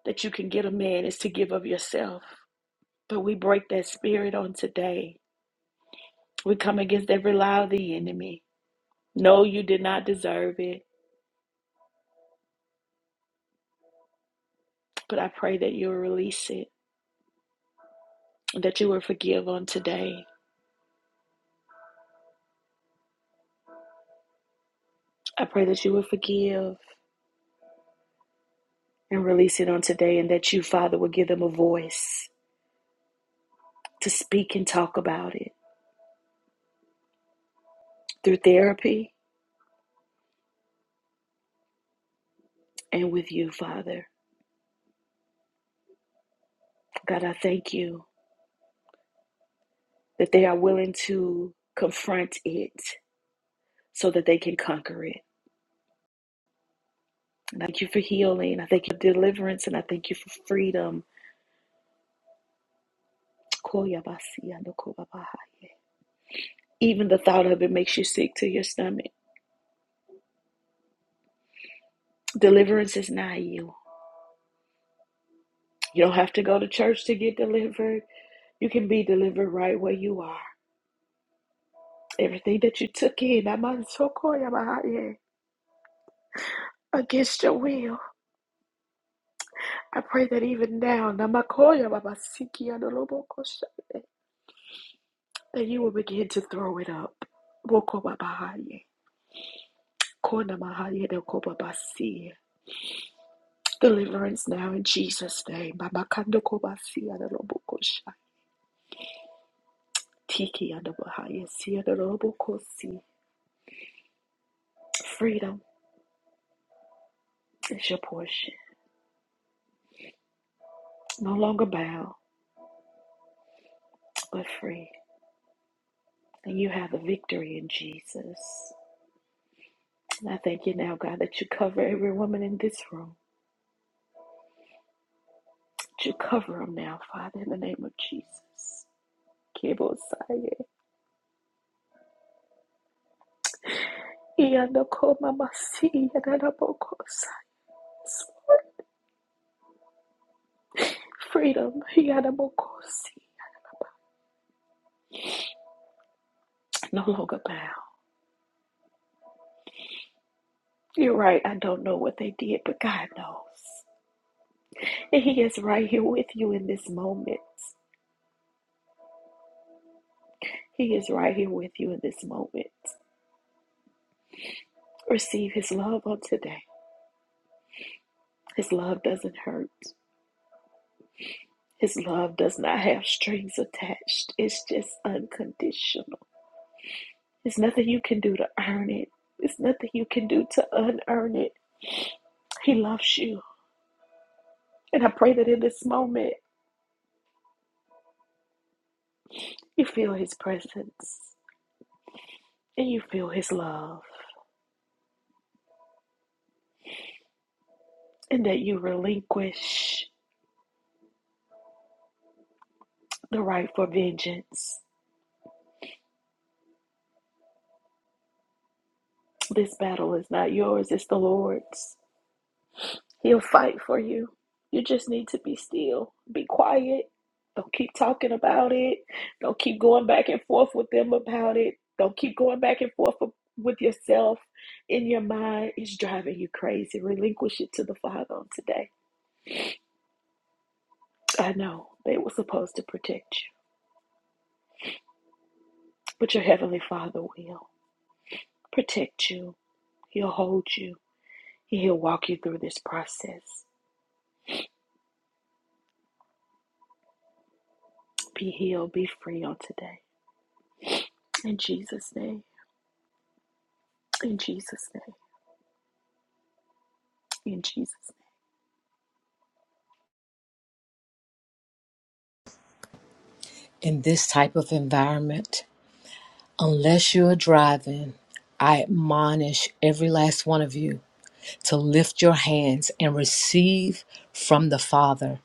S3: that you can get a man is to give of yourself. But we break that spirit on today. We come against every lie of the enemy. No, you did not deserve it, but I pray that you'll release it, that you will forgive on today. I pray that you will forgive and release it on today, and that you, Father, will give them a voice to speak and talk about it through therapy and with you, Father. God, I thank you that they are willing to confront it so that they can conquer it. And I thank you for healing. I thank you for deliverance and I thank you for freedom. Even the thought of it makes you sick to your stomach. Deliverance is not you. You don't have to go to church to get delivered. You can be delivered right where you are. Everything that you took in, so against your will. I pray that even now, Namakoya Baba Siki Adolobo Koshade, that you will begin to throw it up. boko Babahaye, Kona Mahaye de Koba Basi. Deliverance now in Jesus' name. Baba Kando Koba Si Adolobo Koshai. Tiki and Adabahaye Si Adolobo Kosi. Freedom is your portion. No longer bound, but free. And you have the victory in Jesus. And I thank you now, God, that you cover every woman in this room. Would you cover them now, Father, in the name of Jesus? Kebosaya. Ianokomamasi, Yadanabokosa. Freedom. Yadabokosi. No longer bound. You're right. I don't know what they did, but God knows. And He is right here with you in this moment. He is right here with you in this moment. Receive His love on today. His love doesn't hurt. His love does not have strings attached. It's just unconditional. There's nothing you can do to earn it. There's nothing you can do to unearn it. He loves you. And I pray that in this moment, you feel His presence and you feel His love and that you relinquish the right for vengeance. This battle is not yours, it's the Lord's. He'll fight for you. You just need to be still, be quiet. Don't keep talking about it. Don't keep going back and forth with them about it. Don't keep going back and forth with yourself in your mind. It's driving you crazy. Relinquish it to the Father on today. I know they were supposed to protect you, but your Heavenly Father will protect you. He'll hold you. He'll walk you through this process. Be healed. Be free on today. In Jesus' name. In Jesus' name. In Jesus' name.
S4: in this type of environment. Unless you're driving, I admonish every last one of you to lift your hands and receive from the Father.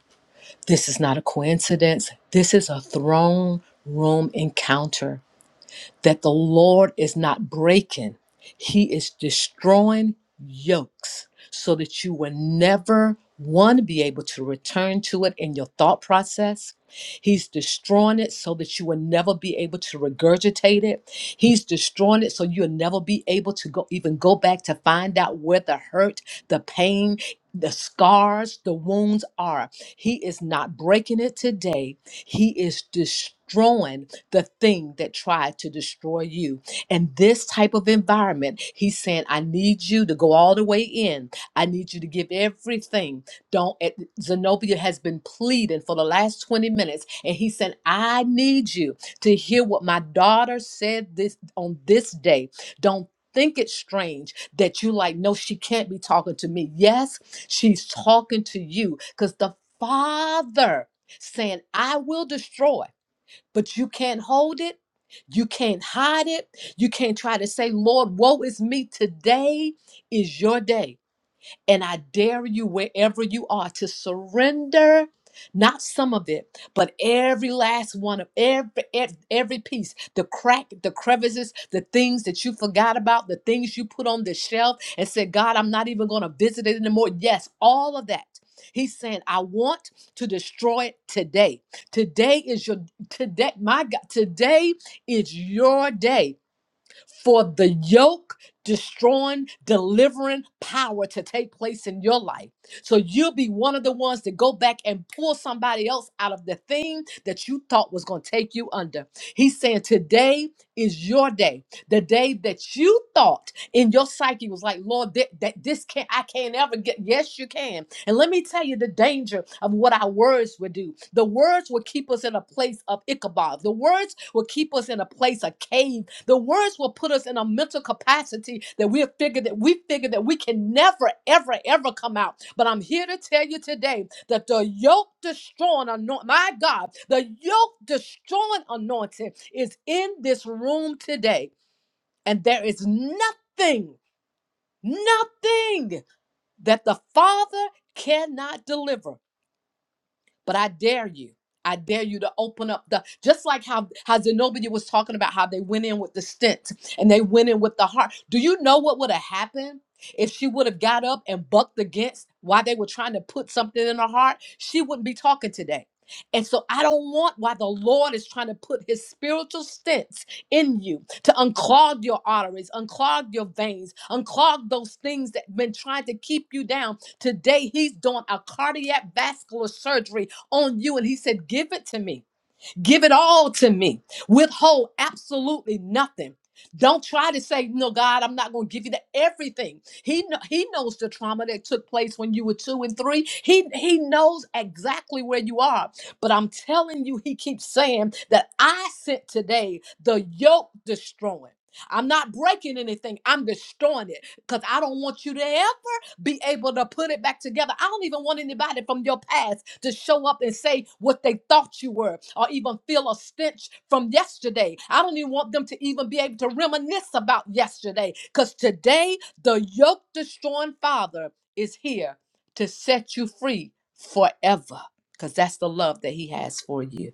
S4: This is not a coincidence, this is a throne room encounter that the Lord is not breaking, He is destroying yokes so that you will never, one, be able to return to it in your thought process. He's destroying it so that you will never be able to regurgitate it. He's destroying it so you'll never be able to go even go back to find out where the hurt, the pain, the scars, the wounds are. He is not breaking it today he is destroying the thing that tried to destroy you. And this type of environment, he's saying, I need you to go all the way in. I need you to give everything. Don't, eh, Zenobia has been pleading for the last 20 minutes. And he said, I need you to hear what my daughter said this on this day. Don't think it's strange that you like no she can't be talking to me yes she's talking to you because the father saying, I will destroy, but you can't hold it. You can't hide it. You can't try to say, Lord, woe is me. Today is your day. And I dare you, wherever you are, to surrender not some of it, but every last one of every ev- every piece, the crack, the crevices, the things that you forgot about, the things you put on the shelf and said, God, I'm not even going to visit it anymore. Yes, all of that. He's saying, I want to destroy it today. Today is your today, my God, today is your day for the yoke destroying, delivering power to take place in your life. So you'll be one of the ones to go back and pull somebody else out of the thing that you thought was going to take you under. He's saying today is your day. The day that you thought in your psyche was like, Lord, that, that this can't, I can't ever get. Yes, you can and let me tell you the danger of what our words will do. The words will keep us in a place of Ichabod. The words will keep us in a place of cave. The words will put us in a mental capacity that we figure that we figure that we can never, ever, ever come out. But I'm here to tell you today that the yoke destroying anointing, my God, the yoke destroying anointing is in this room today. And there is nothing, nothing that the Father cannot deliver. But I dare you. I dare you to open up the just like how how Zenobia was talking about how they went in with the stent and they went in with the heart. Do you know what would have happened if she would have got up and bucked against why they were trying to put something in her heart? She wouldn't be talking today. And so I don't want why the Lord is trying to put his spiritual stents in you to unclog your arteries, unclog your veins, unclog those things that been trying to keep you down. Today he's doing a cardiac vascular surgery on you. And he said, Give it to me. Give it all to me. Withhold absolutely nothing. Don't try to say, no, God, I'm not going to give you the everything. He kno- he knows the trauma that took place when you were two and three. He he knows exactly where you are. But I'm telling you, he keeps saying that I sent today the yoke destroying. I'm not breaking anything. I'm destroying it because I don't want you to ever be able to put it back together. I don't even want anybody from your past to show up and say what they thought you were or even feel a stench from yesterday. I don't even want them to even be able to reminisce about yesterday because today the yoke destroying father is here to set you free forever because that's the love that he has for you.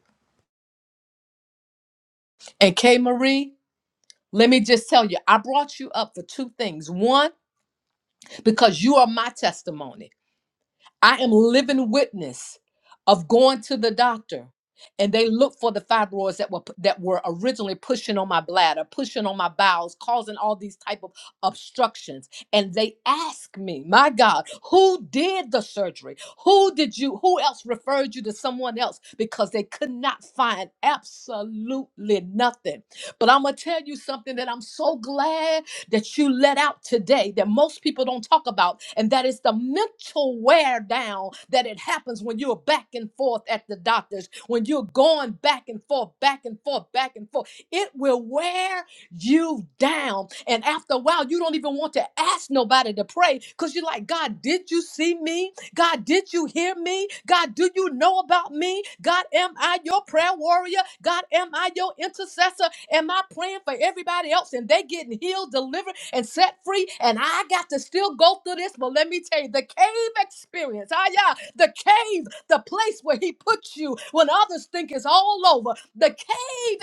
S4: And K. Marie, let me just tell you, I brought you up for two things. One, because you are my testimony. I am living witness of going to the doctor and they looked for the fibroids that were that were originally pushing on my bladder, pushing on my bowels, causing all these type of obstructions. And they asked me, "My God, who did the surgery? Who did you who else referred you to someone else because they could not find absolutely nothing." But I'm going to tell you something that I'm so glad that you let out today that most people don't talk about, and that is the mental wear down that it happens when you're back and forth at the doctors, when you're going back and forth, back and forth, back and forth. It will wear you down. And after a while, you don't even want to ask nobody to pray because you're like, God, did you see me? God, did you hear me? God, do you know about me? God, am I your prayer warrior? God, am I your intercessor? Am I praying for everybody else and they getting healed, delivered, and set free? And I got to still go through this. But let me tell you, the cave experience, ah, yeah, the cave, the place where he puts you when others think it's all over, the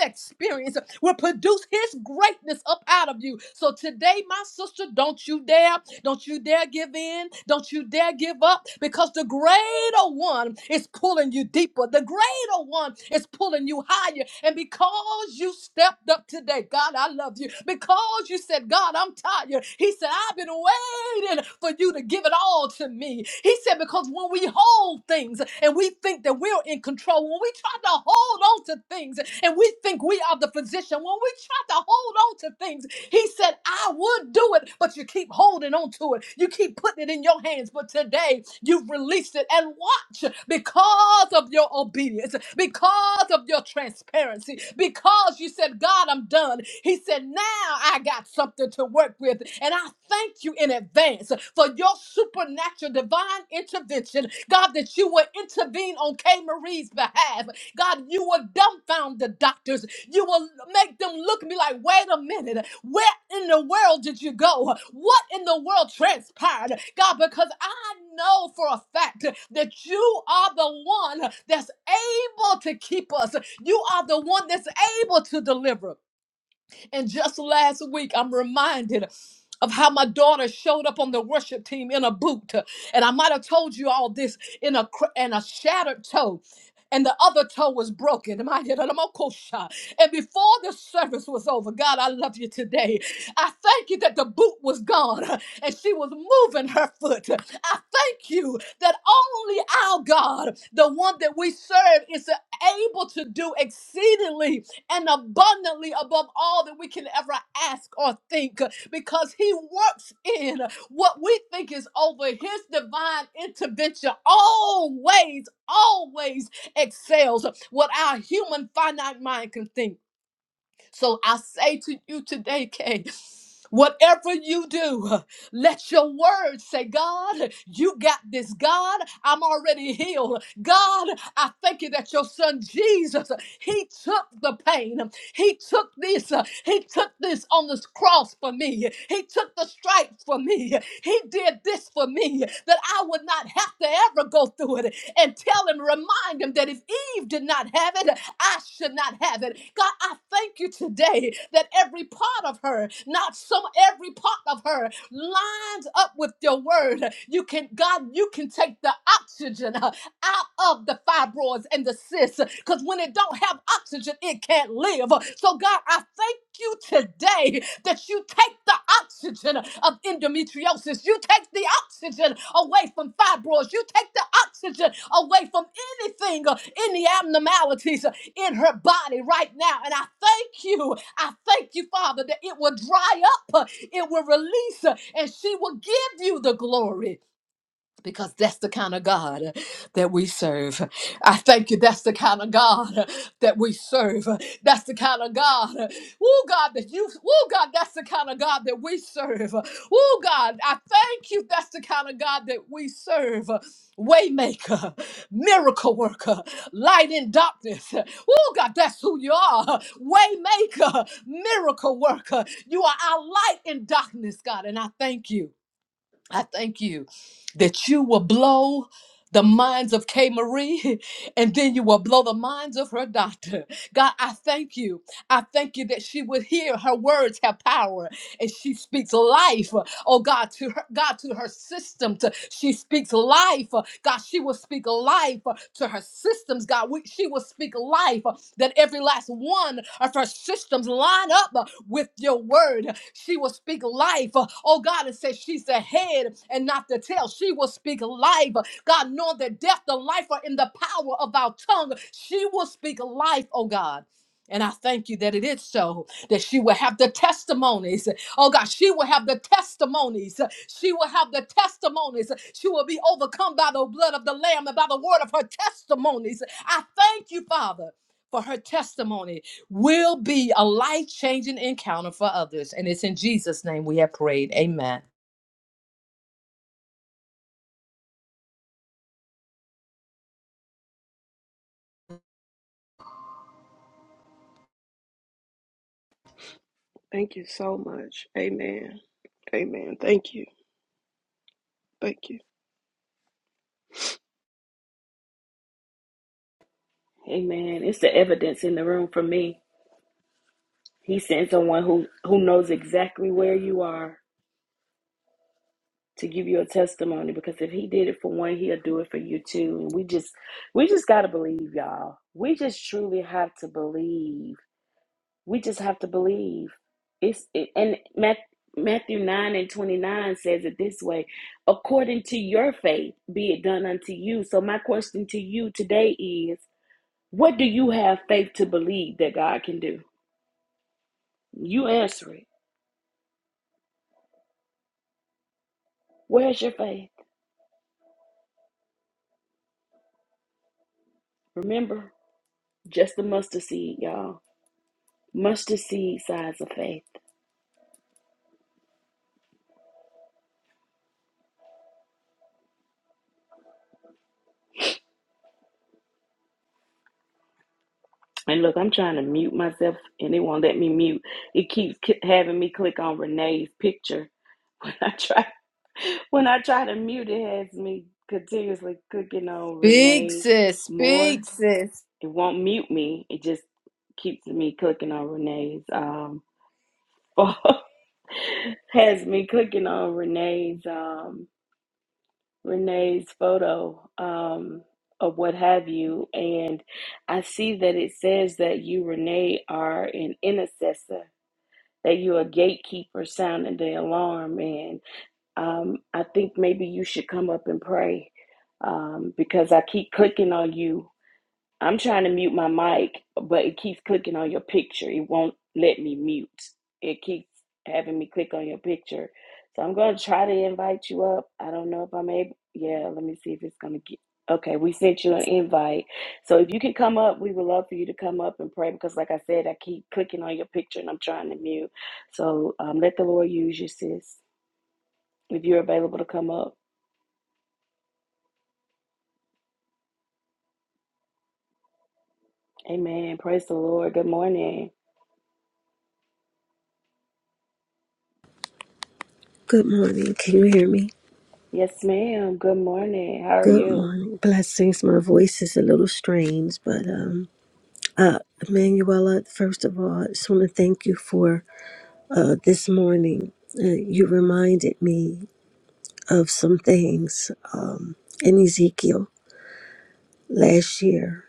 S4: experience will produce his greatness up out of you. So today, my sister, don't you dare, don't you dare give in, don't you dare give up, because the greater one is pulling you deeper, the greater one is pulling you higher. And because you stepped up today, God, I love you, because you said, God, I'm tired, He said, I've been waiting waiting for you to give it all to me. He said, because when we hold things and we think that we're in control, when we try to hold on to things and we think we are the physician, when we try to hold on to things, he said, I would do it, but you keep holding on to it. You keep putting it in your hands. But today you've released it and watch because of your obedience, because of your transparency, because you said, God, I'm done. He said, Now I got something to work with. And I thank you in advance for your supernatural divine intervention. God, that you would intervene on K. Marie's behalf. God, you would dumbfound the doctors. You will make them look at me like, wait a minute, where in the world did you go? What in the world transpired? God, because I know for a fact that you are the one that's able to keep us. You are the one that's able to deliver. And just last week, I'm reminded of how my daughter showed up on the worship team in a boot. And I might have told you all this in a cr- and a shattered toe. And the other toe was broken. Am I here? I'm a coach. And before the service was over, God, I love you today. I thank you that the boot was gone and she was moving her foot. I thank you that only our God, the one that we serve, is able to do exceedingly and abundantly above all that we can ever ask or think because he works in what we think is over his divine intervention always always excels what our human finite mind can think so I say to you today, Kay, whatever you do, let your word say, God, you got this. God, I'm already healed. God, I thank you that your son Jesus, he took the pain. He took this. He took this on this cross for me. He took the stripes for me. He did this for me that I would not have to ever go through it. And tell him, remind him that if Eve did not have it, I should not have it. God, I thank you today that every part of her, not some, every part of her lines up with your word. You can, God, you can take the oxygen uh, out of the fibroids and the cysts because when it don't have oxygen, it can't live. So, God, I thank you today that you take the oxygen of endometriosis, you take the oxygen away from fibroids, you take the oxygen away from anything, uh, any abnormalities in her body right now. And I thank you. I thank you, Father, that it will dry up, uh, it will release, uh, and she will give you the glory because that's the kind of God that we serve. I thank you. That's the kind of God that we serve. That's the kind of God. Oh God, that you. Oh God, that's the kind of God that we serve. Oh God, I thank you. That's the kind of God that we serve. Waymaker, miracle worker, light in darkness. Oh God, that's who you are. Waymaker, miracle worker. You are our light in darkness, God, and I thank you. I thank you that you will blow the minds of Kay Marie and then you will blow the minds of her doctor. God, I thank you. I thank you that she would hear her words have power and she speaks life oh God, to her, God, to her system. To, she speaks life. uh, God, she will speak life uh, to her systems. God, we, she will speak life uh, that every last one of her systems line up uh, with your word. She will speak life. uh, Oh God, it says she's the head and not the tail. She will speak life. uh, God, knowing that death and life are in the power of our tongue. She will speak life, oh God. And I thank you that it is so, that she will have the testimonies Oh God, she will have the testimonies. She will have the testimonies. She will be overcome by the blood of the Lamb and by the word of her testimonies. I thank you, Father, for her testimony will be a life changing encounter for others. And it's in Jesus' name we have prayed. Amen.
S5: Thank you so much. Amen. Amen. Thank you. Thank you.
S3: Amen. It's the evidence in the room for me. He sent someone who who knows exactly where you are to give you a testimony because if he did it for one, he'll do it for you too. And we just we just got to believe, y'all. We just truly have to believe. We just have to believe. It's it, and Matt, Matthew 9 and 29 says it this way, according to your faith be it done unto you. So my question to you today is, what do you have faith to believe that God can do? You answer it. Where's your faith? Remember, just the mustard seed, y'all. Mustard seed size of faith. And look, I'm trying to mute myself and it won't let me mute. It keeps ki- having me click on Renee's picture. When I try when I try to mute it has me continuously clicking on
S4: Speak,
S3: Renee
S4: sis.
S3: Moore.
S4: Speak, sis.
S3: It won't mute me. It just keeps me clicking on Renee's um has me clicking on Renee's um Renee's photo um, or what have you, and I see that it says that you, Renee, are an intercessor, that you're a gatekeeper sounding the alarm, and um, I think maybe you should come up and pray um, because I keep clicking on you I'm trying to mute my mic, but it keeps clicking on your picture. It won't let me mute. It keeps having me click on your picture. So I'm going to try to invite you up. I don't know if I'm able. Yeah, let me see if it's going to get. Okay, we sent you an invite. So if you can come up, we would love for you to come up and pray because, like I said, I keep clicking on your picture and I'm trying to mute. So um, let the Lord use you, sis. If you're available to come up, amen. Praise the Lord. Good morning.
S6: Good morning. Can you hear me?
S3: Yes, ma'am. Good morning. How are
S6: Good
S3: you?
S6: morning. Blessings. My voice is a little strange, but um uh Manuela, first of all, I just want to thank you for uh this morning. Uh, you reminded me of some things in Ezekiel last year.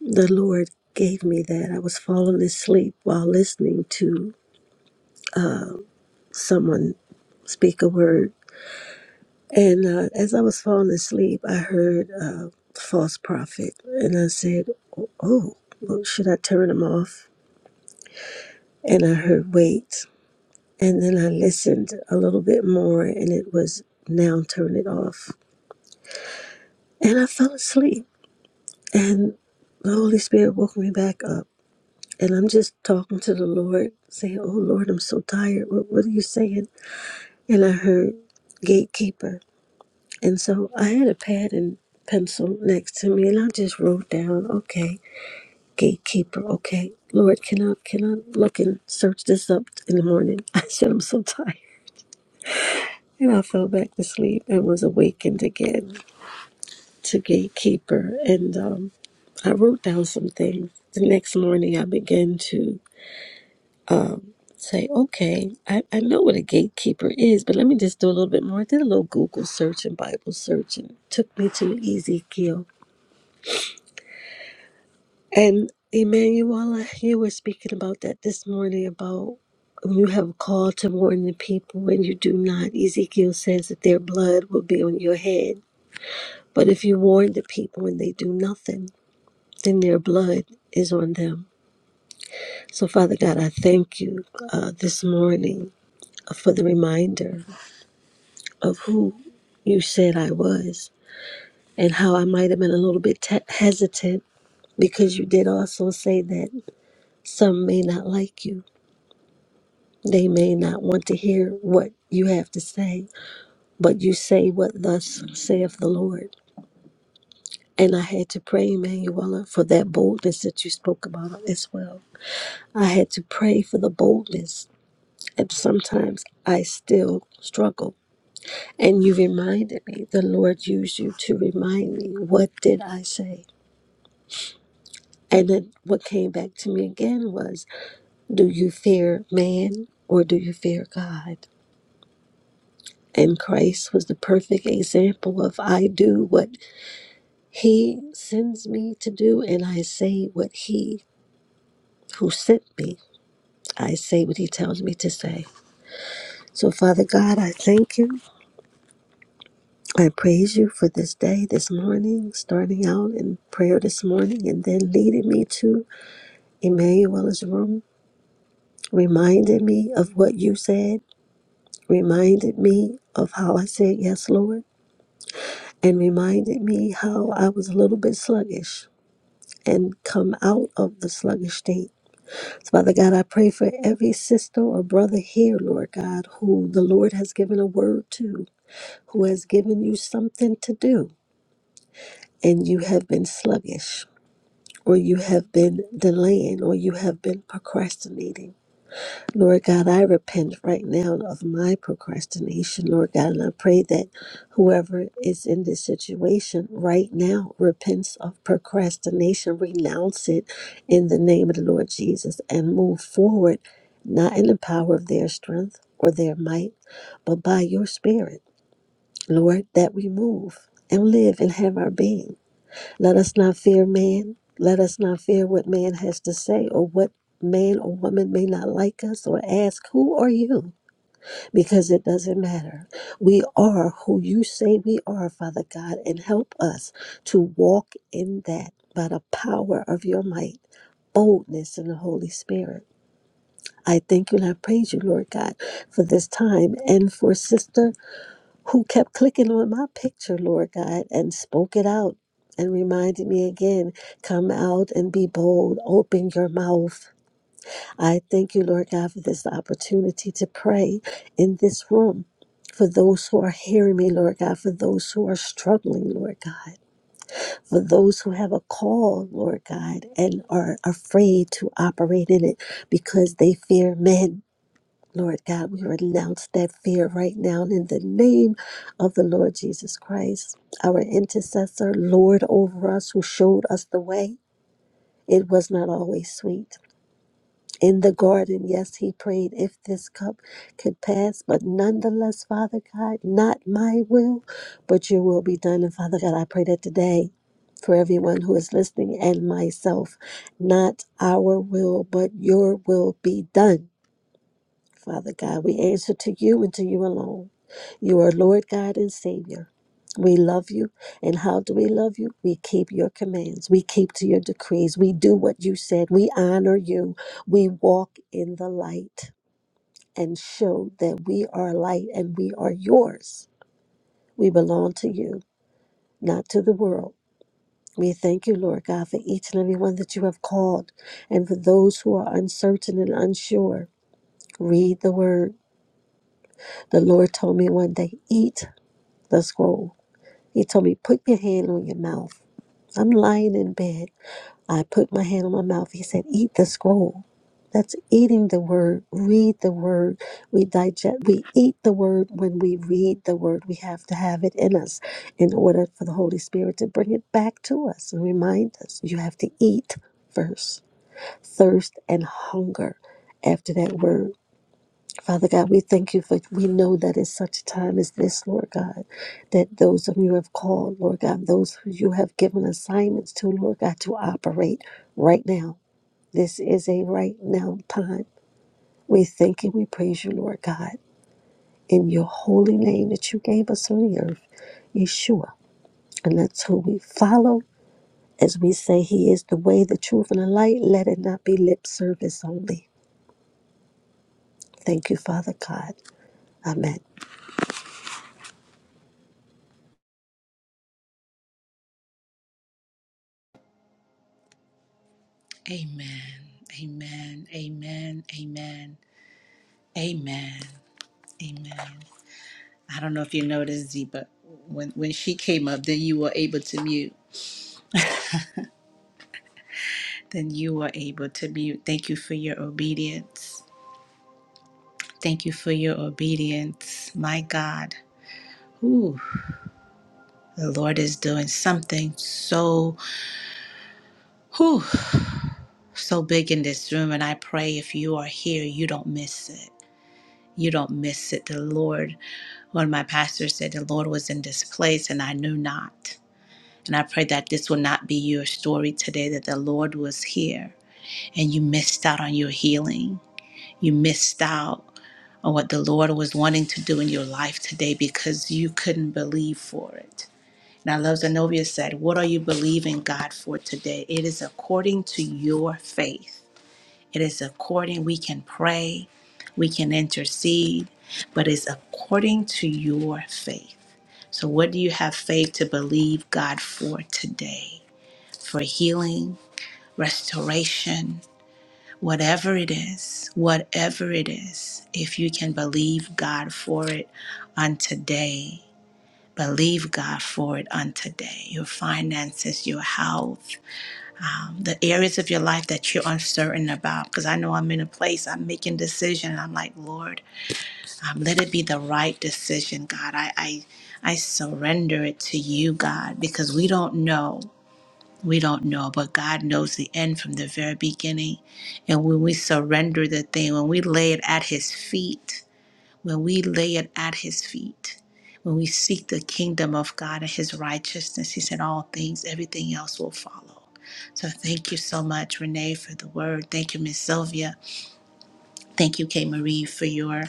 S6: The Lord gave me that. I was falling asleep while listening to someone speak a word And uh, as I was falling asleep, I heard uh, false prophet, and I said, "Oh, oh, well, should I turn him off?" And I heard wait, and then I listened a little bit more, and it was now turn it off. And I fell asleep, and the Holy Spirit woke me back up, and I'm just talking to the Lord, saying, "Oh Lord, I'm so tired. What, what are you saying?" And I heard gatekeeper, And so I had a pad and pencil next to me, and I just wrote down, okay, gatekeeper, okay, Lord, can I can I look and search this up in the morning? I said I'm so tired, and I fell back to sleep and was awakened again to gatekeeper, and um, I wrote down some things. The next morning, I began to say, okay, I, I know what a gatekeeper is, but let me just do a little bit more. I did a little Google search and Bible search, and took me to Ezekiel And Emanuela, you were speaking about that this morning about you have a call to warn the people when you do not. Ezekiel says that their blood will be on your head. But if you warn the people and they do nothing, then their blood is on them. So, Father God, I thank you uh, this morning for the reminder of who you said I was and how I might have been a little bit te- hesitant because you did also say that some may not like you. They may not want to hear what you have to say, but you say what thus saith the Lord. And I had to pray, Emanuela, for that boldness that you spoke about as well. I had to pray for the boldness, and sometimes I still struggle. And you reminded me, the Lord used you to remind me, what did I say? And then what came back to me again was, do you fear man or do you fear God? And Christ was the perfect example of I do what he sends me to do, and I say what he who sent me, I say what he tells me to say. So, Father God, I thank you. I praise you for this day, this morning, starting out in prayer this morning, and then leading me to Emmanuel's room, reminded me of what you said, reminded me of how I said, Yes, Lord, and reminded me how I was a little bit sluggish and come out of the sluggish state. So, Father God, I pray for every sister or brother here, Lord God, who the Lord has given a word to, who has given you something to do, and you have been sluggish, or you have been delaying, or you have been procrastinating. Lord God, I repent right now of my procrastination, Lord God, and I pray that whoever is in this situation right now repents of procrastination, renounce it in the name of the Lord Jesus, and move forward, not in the power of their strength or their might, but by your Spirit, Lord, that we move and live and have our being. Let us not fear man. Let us not fear what man has to say or what man or woman may not like us or ask, Who are you? Because it doesn't matter. We are who you say we are, Father God, and help us to walk in that by the power of your might, boldness in the Holy Spirit. I thank you and I praise you, Lord God, for this time and for Sister who kept clicking on my picture, Lord God, and spoke it out and reminded me again come out and be bold, open your mouth. I thank you, Lord God, for this opportunity to pray in this room. For those who are hearing me, Lord God, for those who are struggling, Lord God, for those who have a call, Lord God, and are afraid to operate in it because they fear men. Lord God, we renounce that fear right now in the name of the Lord Jesus Christ, our intercessor, Lord over us, who showed us the way. It was not always sweet. In the garden, yes, he prayed, if this cup could pass, but nonetheless, Father God, not my will, but your will be done. And Father God, I pray that today, for everyone who is listening and myself, not our will, but your will be done Father God, we answer to you and to you alone. You are Lord God and Savior. We love you. And how do we love you? We keep your commands. We keep to your decrees. We do what you said. We honor you. We walk in the light and show that we are light and we are yours. We belong to you, not to the world. We thank you, Lord God, for each and every one that you have called and for those who are uncertain and unsure. Read the word The Lord told me one day, eat the scroll. He told me, put your hand on your mouth. I'm lying in bed. I put my hand on my mouth. He said, eat the scroll. That's eating the word. Read the word. We digest, we eat the word when we read the word. We have to have it in us in order for the Holy Spirit to bring it back to us and remind us. You have to eat first, thirst and hunger after that word. Father God, we thank you for we know that in such a time as this, Lord God, that those of you who have called, Lord God, those who you have given assignments to, Lord God, to operate right now. This is a right now time. We thank you. we praise you, Lord God, in your holy name that you gave us on the earth, Yeshua. And that's who we follow. As we say, He is the way, the truth, and the light. Let it not be lip service only. Thank you, Father God. Amen.
S1: Amen. Amen. Amen. Amen. Amen. Amen. I don't know if you noticed, Z, but when, when she came up, then you were able to mute. Then you were able to mute. Thank you for your obedience. Thank you for your obedience. My God. Whew. The Lord is doing something so whew, so big in this room. And I pray if you are here, you don't miss it. You don't miss it. The Lord, one of my pastors said, the Lord was in this place and I knew not. And I pray that this will not be your story today, that the Lord was here and you missed out on your healing. You missed out on what the Lord was wanting to do in your life today because you couldn't believe for it. And I love Zenobia said, What are you believing God for today? It is according to your faith. It is according, we can pray, we can intercede, but it's according to your faith. So, what do you have faith to believe God for today? For healing, restoration, Whatever it is, whatever it is, if you can believe God for it on today, believe God for it on today. Your finances, your health, um, the areas of your life that you're uncertain about. Because I know I'm in a place, I'm making decisions. and I'm like, Lord, um, let it be the right decision, God. I, I, I surrender it to you, God, because we don't know. We don't know, but God knows the end from the very beginning. And when we surrender the thing, when we lay it at His feet, when we lay it at His feet, when we seek the kingdom of God and His righteousness, He said, all things, everything else will follow. So thank you so much, Renee, for the word. Thank you, Miss Sylvia. Thank you, Kay Marie, for your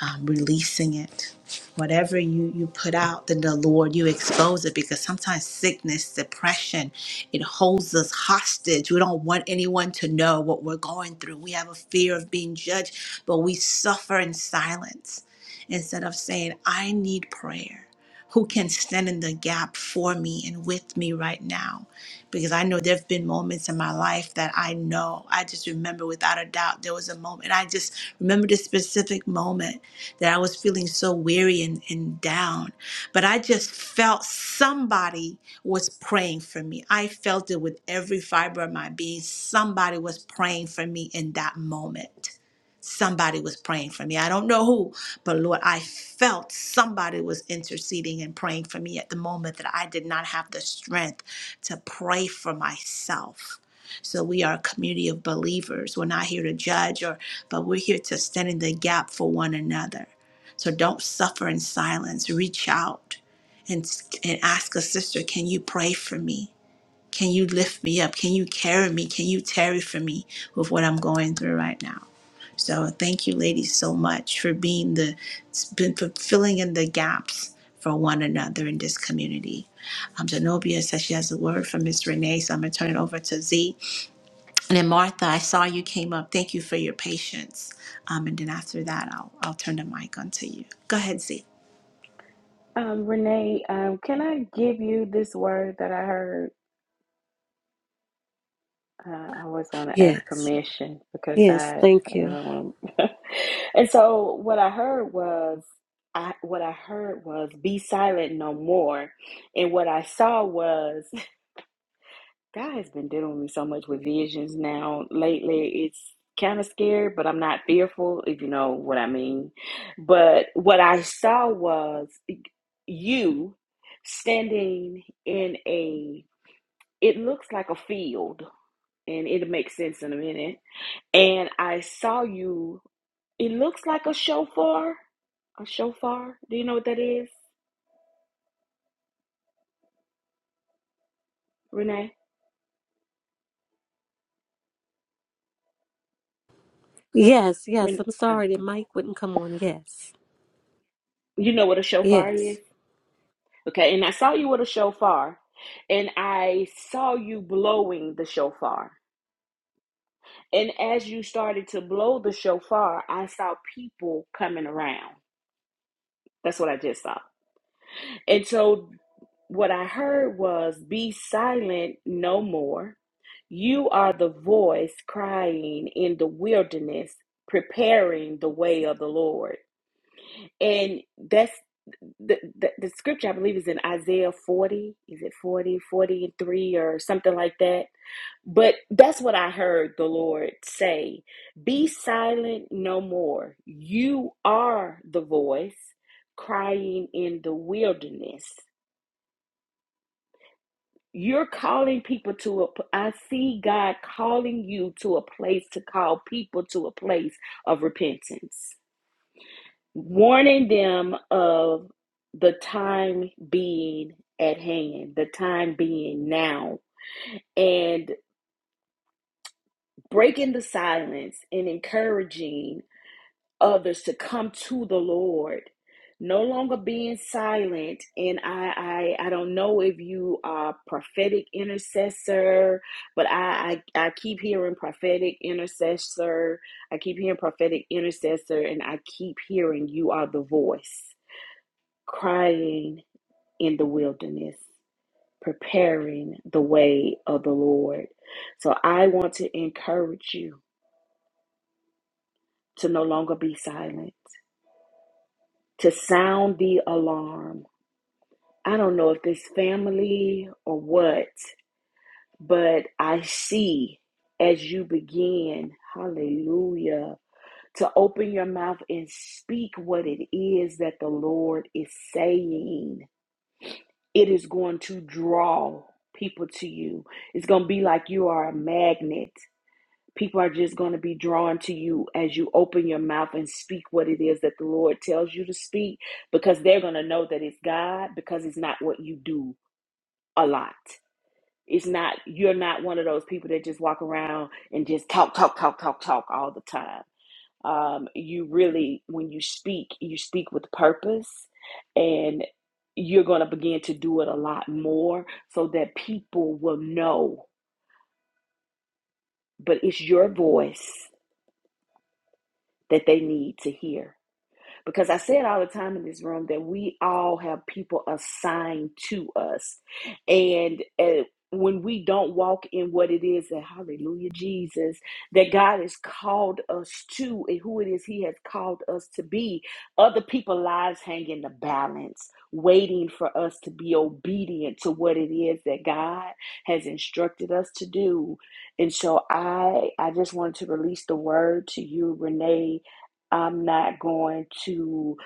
S1: um, releasing it. Whatever you, you put out, then the Lord, you expose it because sometimes sickness, depression, it holds us hostage. We don't want anyone to know what we're going through. We have a fear of being judged, but we suffer in silence instead of saying, I need prayer. Who can stand in the gap for me and with me right now? Because I know there have been moments in my life that I know, I just remember without a doubt, there was a moment. I just remember this specific moment that I was feeling so weary and, and down. But I just felt somebody was praying for me. I felt it with every fiber of my being. Somebody was praying for me in that moment. Somebody was praying for me. I don't know who, but Lord, I felt somebody was interceding and praying for me at the moment that I did not have the strength to pray for myself. So we are a community of believers. We're not here to judge or but we're here to stand in the gap for one another. So don't suffer in silence. Reach out and and ask a sister, "Can you pray for me? Can you lift me up? Can you carry me? Can you tarry for me with what I'm going through right now?" So thank you ladies so much for being the for filling in the gaps for one another in this community. Um, Zenobia says she has a word from Miss Renee, so I'm going to turn it over to Z. And then Martha, I saw you came up. Thank you for your patience. Um, and then after that, I'll I'll turn the mic on to you. Go ahead, Z.
S3: Um, Renee, um, can I give you this word that I heard? Uh, I always want to ask
S6: Yes.
S3: permission because
S6: Yes.
S3: I,
S6: Thank
S3: I
S6: you.
S3: don't want to. and so what I heard was, I what I heard was, "Be silent no more," and what I saw was. God has been dealing with me so much with visions now lately. It's kind of scary, but I'm not fearful, if you know what I mean. But what I saw was you standing in a, it looks like a field, and it'll make sense in a minute. And I saw you, it looks like a shofar. A shofar? Do you know what that is, Renee?
S6: Yes, yes.
S3: Ren-
S6: I'm
S3: uh,
S6: sorry the mic wouldn't come on. Yes,
S3: you know what a shofar is?
S6: yes.
S3: Okay, and I saw you with a shofar, and I saw you blowing the shofar. And as you started to blow the shofar, I saw people coming around. That's what I just saw. And so what I heard was, Be silent no more. You are the voice crying in the wilderness, preparing the way of the Lord. And that's the, the, the scripture, I believe, is in Isaiah 40. Is it 40 43 or something like that? But that's what I heard the Lord say Be silent no more. You are the voice crying in the wilderness. You're calling people to a. p- I see God calling you to a place to call people to a place of repentance. warning them of the time being at hand, the time being now, and breaking the silence and encouraging others to come to the Lord. No longer being silent, and I, I I don't know if you are a prophetic intercessor, but I, I I keep hearing prophetic intercessor. I keep hearing prophetic intercessor, and I keep hearing you are the voice crying in the wilderness, preparing the way of the Lord. So I want to encourage you to no longer be silent, to sound the alarm. I don't know if this family or what, but I see as you begin, hallelujah, to open your mouth and speak what it is that the Lord is saying. It is going to draw people to you. It's going to be like you are a magnet People are just going to be drawn to you as you open your mouth and speak what it is that the Lord tells you to speak because they're going to know that it's God because it's not what you do a lot. It's not, you're not one of those people that just walk around and just talk, talk, talk, talk, talk all the time. Um, you really, when you speak, you speak with purpose and you're going to begin to do it a lot more so that people will know, but it's your voice that they need to hear Because I say it all the time in this room that we all have people assigned to us. And uh, when we don't walk in what it is that, hallelujah, Jesus, that God has called us to and who it is He has called us to be, other people's lives hang in the balance, waiting for us to be obedient to what it is that God has instructed us to do. And so I I just wanted to release the word to you, Renee, I'm not going to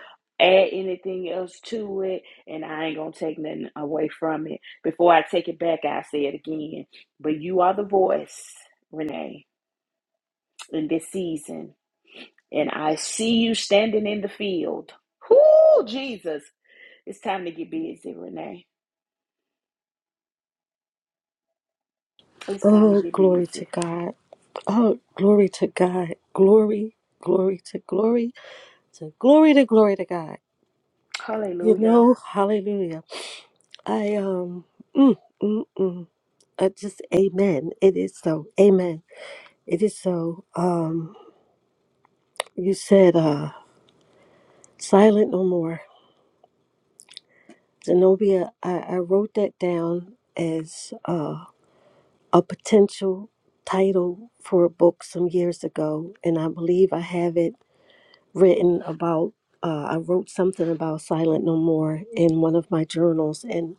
S3: add anything else to it, and I ain't going to take nothing away from it. Before I take it back, I say it again. But you are the voice, Renee, in this season, and I see you standing in the field. Whoo, Jesus. It's time to get busy, Renee. It's time to
S6: Oh,
S3: get
S6: glory to
S3: busy.
S6: God. Oh, glory to God. Glory, glory to glory to glory to glory to God. You
S3: Hallelujah.
S6: know, hallelujah. I, um, mm, mm, mm, I just, amen. It is so. Amen. It is so. Um, you said, uh, silent no more. Zenobia, I, I wrote that down as, uh. a potential title for a book some years ago, and I believe I have it written about. Uh, I wrote something about Silent No More in one of my journals, and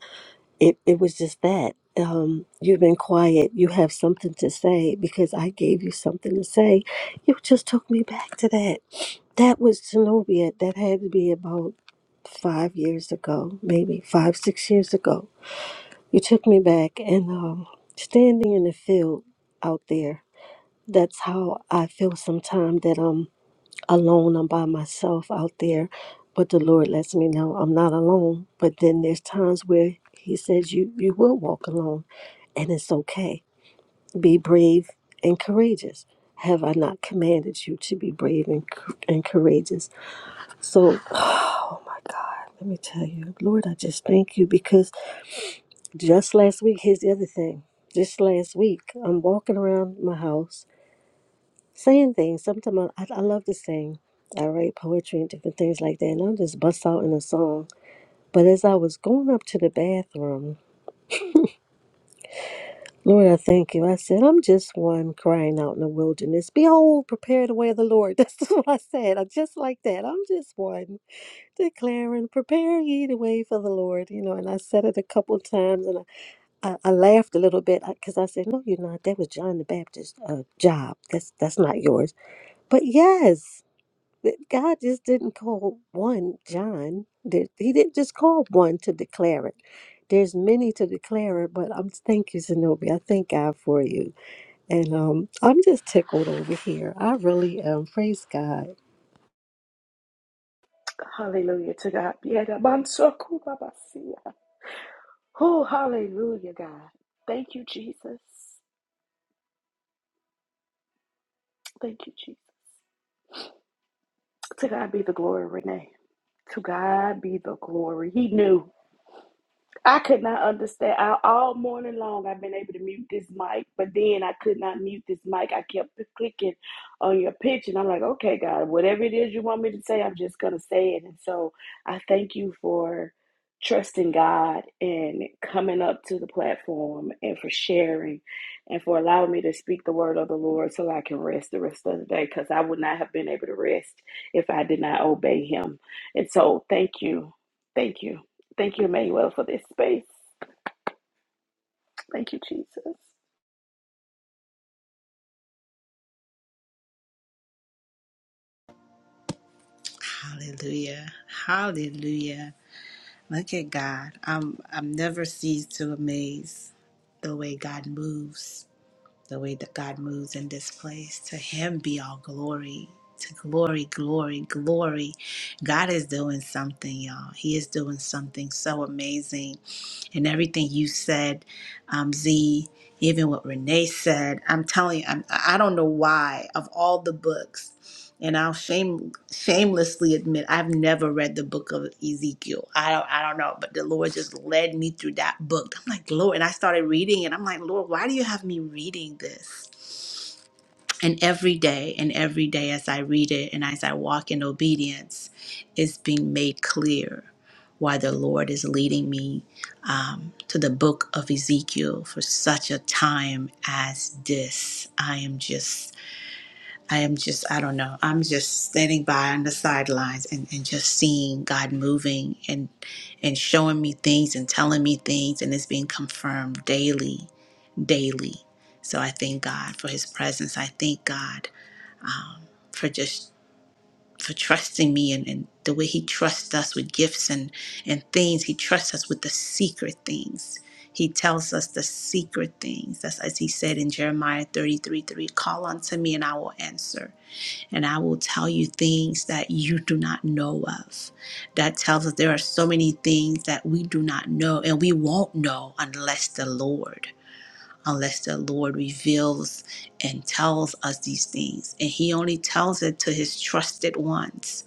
S6: it, it was just that. Um, you've been quiet, you have something to say because I gave you something to say. You just took me back to that. That was Zenobia. That had to be about five years ago, maybe five, six years ago you took me back and um, standing in the field out there. That's how I feel sometimes that I'm alone. I'm by myself out there, but the Lord lets me know I'm not alone. But then there's times where He says you you will walk alone, and it's okay. Be brave and courageous. Have I not commanded you to be brave and cou- and courageous? So, oh my God, let me tell you, Lord, I just thank you because Just last week, here's the other thing. Just last week, I'm walking around my house saying things. Sometimes I, I, love to sing. I write poetry and different things like that, and I'll just bust out in a song. But as I was going up to the bathroom, Lord, I thank you. I said, I'm just one crying out in the wilderness. Behold, prepare the way of the Lord. That's what I said. I just like that. I'm just one declaring, prepare ye the way for the Lord. You know, and I said it a couple times, and I I, I laughed a little bit because I said, "No, you're not. That was John the Baptist's uh, job. That's that's not yours." But yes, that God just didn't call one John. There- He didn't just call one to declare it. There's many to declare it, but I'm thank you, Zenobia. I thank God for you, and um, I'm just tickled over here. I really am. Praise God.
S3: Hallelujah to God. Yeah, God. I'm so cool, Baba. See ya. Oh, hallelujah, God. Thank you, Jesus. Thank you, Jesus. To God be the glory, Renee. To God be the glory. He knew. I could not understand. I, all morning long, I've been able to mute this mic, but then I could not mute this mic. I kept clicking on your pitch, and I'm like, okay, God, whatever it is you want me to say, I'm just going to say it. And so I thank you for trusting God and coming up to the platform and for sharing and for allowing me to speak the word of the Lord so I can rest the rest of the day because I would not have been able to rest if I did not obey Him. And so thank you. Thank you. Thank you, Emmanuel, for this space. Thank you, Jesus.
S1: Hallelujah. Hallelujah. Look at God. I'm I'm never ceased to amaze the way God moves. the way that God moves in this place. To Him be all glory. To glory, glory, glory. God is doing something, y'all. He is doing something so amazing. And everything you said, um, Z, even what Renee said, I'm telling you, I'm, I don't know why, of all the books, and I'll shame shamelessly admit I've never read the book of Ezekiel. I don't I don't know, but the Lord just led me through that book. I'm like, Lord, and I started reading it. I'm like, Lord, why do you have me reading this? And every day, and every day as I read it and as I walk in obedience, it's being made clear why the Lord is leading me um, to the book of Ezekiel for such a time as this. I am just I am just, I don't know. I'm just standing by on the sidelines and, and just seeing God moving and and showing me things and telling me things and it's being confirmed daily, daily. So I thank God for his presence. I thank God um, for just for trusting me and, and the way he trusts us with gifts and, and things. He trusts us with the secret things. He tells us the secret things. That's as he said in Jeremiah 33, 3, call unto me and I will answer and I will tell you things that you do not know of. That tells us there are so many things that we do not know, and we won't know unless the Lord, unless the Lord reveals and tells us these things. And He only tells it to His trusted ones.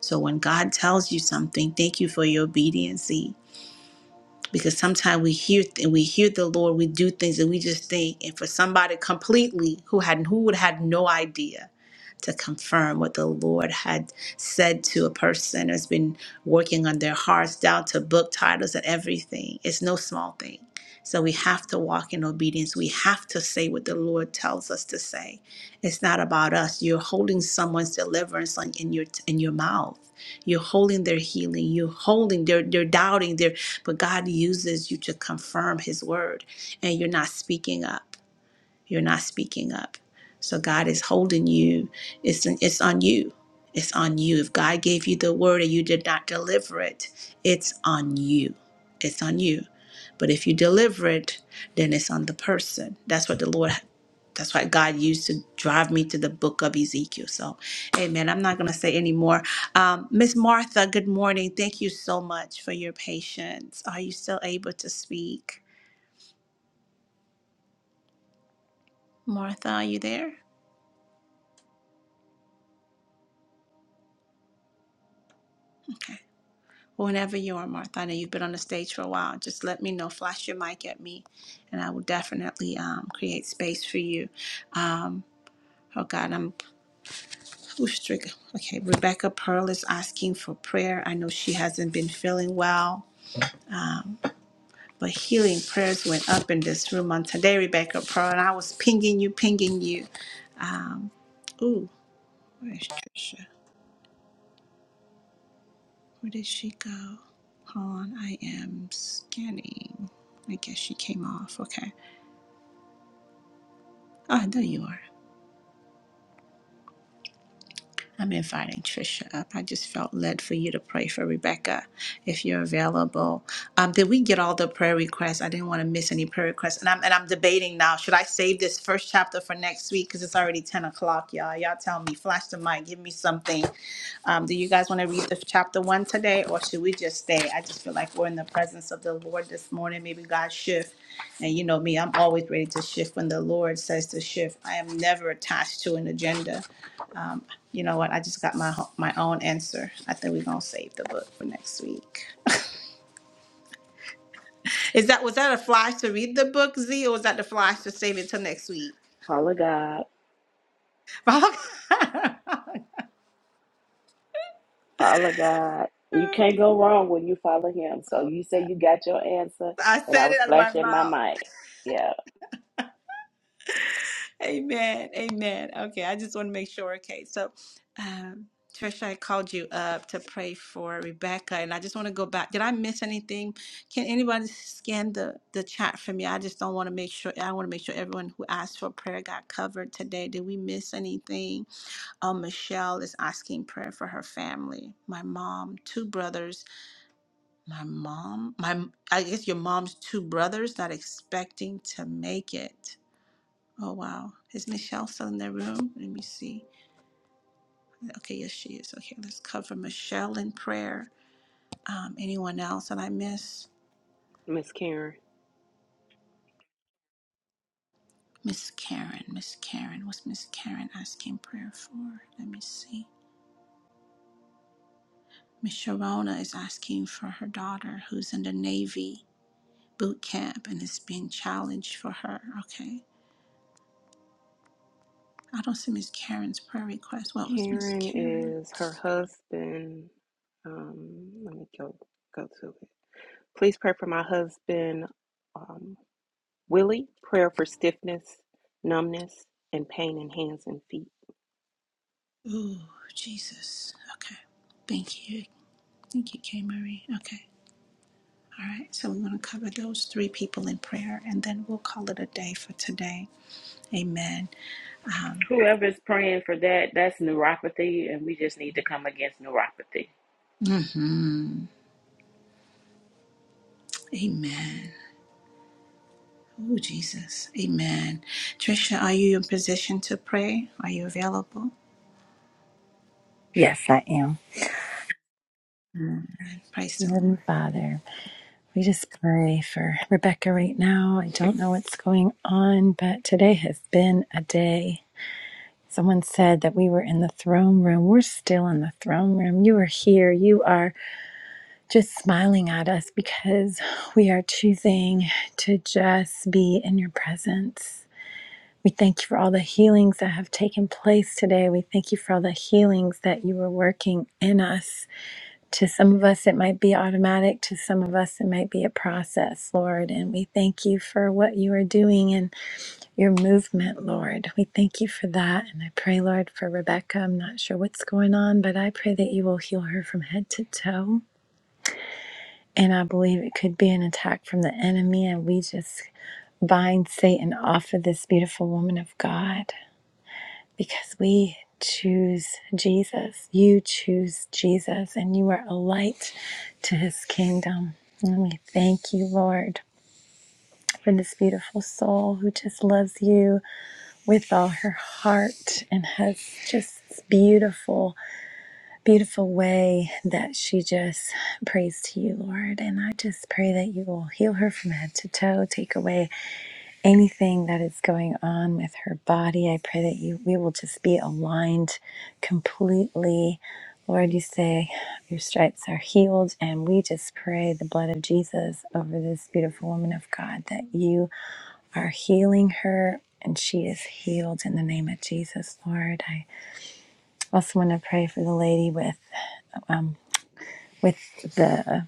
S1: So when God tells you something, thank you for your obedience because sometimes we hear and we hear the Lord, we do things and we just think, and for somebody completely who had who would have no idea to confirm what the Lord had said to a person has been working on their hearts down to book titles and everything. It's no small thing. So we have to walk in obedience. We have to say what the Lord tells us to say. It's not about us. You're holding someone's deliverance on- in your in your mouth. You're holding their healing. You're holding. They're they're doubting. They're but God uses you to confirm His word, and you're not speaking up. You're not speaking up. So God is holding you. It's it's on you. It's on you. If God gave you the word and you did not deliver it, it's on you. It's on you. But if you deliver it, then it's on the person. That's what the Lord that's what God used to drive me to the book of Ezekiel. So, amen. I'm not going to say any more. Um, Miss Martha, good morning. Thank you so much for your patience. Are you still able to speak? Martha, are you there? Okay. Whenever you are, Martha, I know you've been on the stage for a while. Just let me know, flash your mic at me, and I will definitely um, create space for you. Um, oh God, I'm who's trigger. Okay, Rebecca Pearl is asking for prayer. I know she hasn't been feeling well, um, but healing prayers went up in this room on today, Rebecca Pearl, and I was pinging you, pinging you. Um, ooh, where is Trisha? Where did she go? Hold on, I am scanning. I guess she came off. Okay. I know you are. I'm inviting Trisha up. I just felt led for you to pray for Rebecca if you're available. Um, did we get all the prayer requests? I didn't want to miss any prayer requests. And I'm and I'm debating now. Should I save this first chapter for next week? Because it's already 10 o'clock, y'all. Y'all tell me, flash the mic, give me something. Um, do you guys want to read the chapter one today or should we just stay? I just feel like we're in the presence of the Lord this morning. Maybe God shift. And you know me, I'm always ready to shift when the Lord says to shift. I am never attached to an agenda Um, you know what? I just got my my own answer. I think we're gonna save the book for next week. Is that was that a flash to read the book, Z, or was that the flash to save it till next week?
S3: Follow God.
S1: I
S3: Follow God. You can't go wrong when you follow Him. So you say you got your answer, and I
S1: said
S3: was
S1: it out of my
S3: flashing my
S1: mouth.
S3: mic. Yeah.
S1: Amen. Amen. Okay, I just want to make sure. Okay, so um, Trisha, I called you up to pray for Rebecca, and I just want to go back. Did I miss anything? Can anybody scan the the chat for me? I just don't want to make sure. I want to make sure everyone who asked for prayer got covered today. Did we miss anything? Um, Michelle is asking prayer for her family. My mom, two brothers. My mom, my I guess your mom's two brothers not expecting to make it. Oh wow. Is Michelle still in the room? Let me see. Okay, yes she is. Okay, let's cover Michelle in prayer. Um, anyone else that I miss?
S5: Miss Karen.
S1: Miss Karen. Miss Karen. What's Miss Karen asking prayer for? Let me see. Miss Sharona is asking for her daughter who's in the Navy boot camp and is being challenged for her. Okay. I don't see Miss Karen's prayer request. What was Miss
S5: Karen is her
S1: Karen's?
S5: husband. Um, let me go go to it. Please pray for my husband, um, Willie. Prayer for stiffness, numbness, and pain in hands and feet.
S1: Ooh, Jesus. Okay. Thank you. Thank you, K. Marie. Okay. All right, so we want to cover those three people in prayer, and then we'll call it a day for today. Amen. Um,
S3: Whoever's praying for that, that's neuropathy, and we just need to come against neuropathy.
S1: mhm. Amen. Oh, Jesus. Amen. Trisha, are you in position to pray? Are you available?
S7: Yes, I am.
S1: And praise
S7: Dear
S1: the Lord.
S7: Heavenly Father, we just pray for Rebecca right now. I don't know what's going on, but today has been a day. Someone said that we were in the throne room. We're still in the throne room. You are here. You are just smiling at us because we are choosing to just be in your presence. We thank you for all the healings that have taken place today. We thank you for all the healings that you were working in us. To some of us, it might be automatic. To some of us, it might be a process, Lord. And we thank you for what you are doing in your movement, Lord. We thank you for that. And I pray, Lord, for Rebecca. I'm not sure what's going on, but I pray that you will heal her from head to toe. And I believe it could be an attack from the enemy. And we just bind Satan off of this beautiful woman of God because we choose Jesus. You choose Jesus, and you are a light to his kingdom. And we thank you, Lord, for this beautiful soul who just loves you with all her heart and has just this beautiful, beautiful way that she just prays to you, Lord. And I just pray that you will heal her from head to toe, take away anything that is going on with her body. I pray that you we will just be aligned completely. Lord, you say your stripes are healed, and we just pray the blood of Jesus over this beautiful woman of God that you are healing her and she is healed in the name of Jesus, Lord. I also want to pray for the lady with um, with the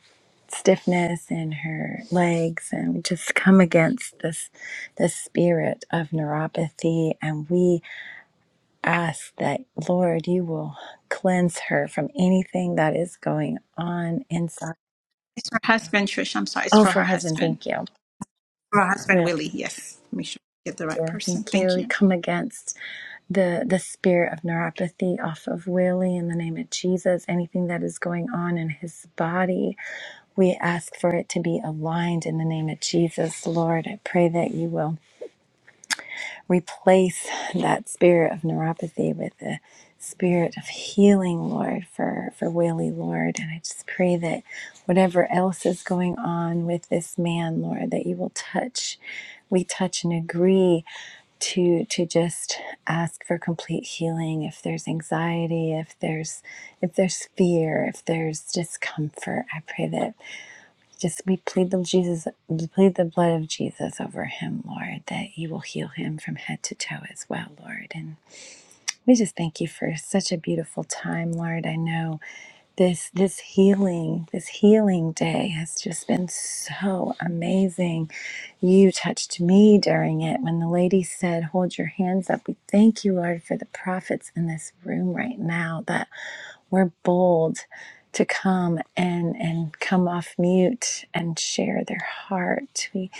S7: stiffness in her legs and we just come against this this spirit of neuropathy and we ask that lord you will cleanse her from anything that is going on inside
S1: It's her husband, Trisha. I'm sorry, it's
S7: oh
S1: for
S7: for
S1: her
S7: husband
S1: husband.
S7: thank you
S1: For her husband,
S7: Will,
S1: Willie. Yes. Make sure we get the right
S7: yeah,
S1: person.
S7: thank you.
S1: Thank
S7: We
S1: you.
S7: come against the the spirit of neuropathy off of Willie in the name of Jesus. Anything that is going on in his body, we ask for it to be aligned in the name of Jesus, Lord. I pray that you will. replace that spirit of neuropathy with the spirit of healing, Lord, for, for Willie, Lord. And I just pray that whatever else is going on with this man, Lord, that you will touch. We touch and agree to to just ask for complete healing if there's anxiety if there's if there's fear if there's discomfort i pray that just we plead the Jesus, plead the blood of Jesus over him, Lord, that you will heal him from head to toe as well, Lord. And we just thank you for such a beautiful time, Lord. I know this this healing, this healing day has just been so amazing. You touched me during it when the lady said, "Hold your hands up." We thank you, Lord, for the prophets in this room right now that we're bold to come and and come off mute and share their heart. We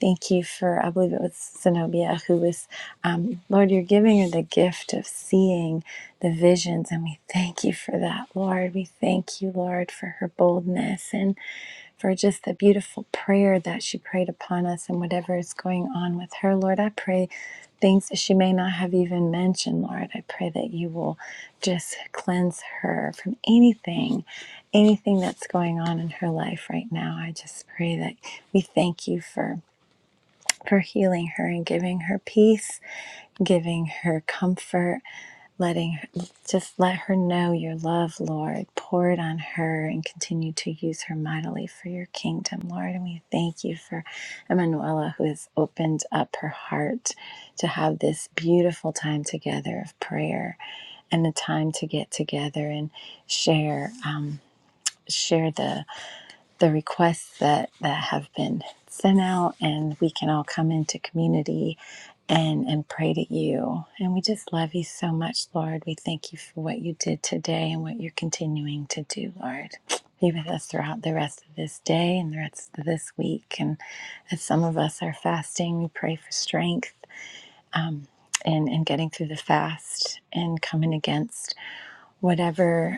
S7: thank you for I believe it was Zenobia who was, um, Lord, you're giving her the gift of seeing the visions, and we thank you for that, Lord. We thank you, Lord, for her boldness and for just the beautiful prayer that she prayed upon us and whatever is going on with her. Lord, I pray things that she may not have even mentioned, Lord. I pray that you will just cleanse her from anything, anything that's going on in her life right now. I just pray that we thank you for for healing her and giving her peace giving her comfort, letting her, just let her know your love, Lord. Pour it on her and continue to use her mightily for your kingdom, Lord. And we thank you for Emanuela, who has opened up her heart to have this beautiful time together of prayer and a time to get together and share um, share the the requests that, that have been sent out, and we can all come into community and, and pray to you. And we just love you so much, Lord. We thank you for what you did today and what you're continuing to do, Lord. Be with us throughout the rest of this day and the rest of this week. And as some of us are fasting, we pray for strength um, and, and getting through the fast and coming against whatever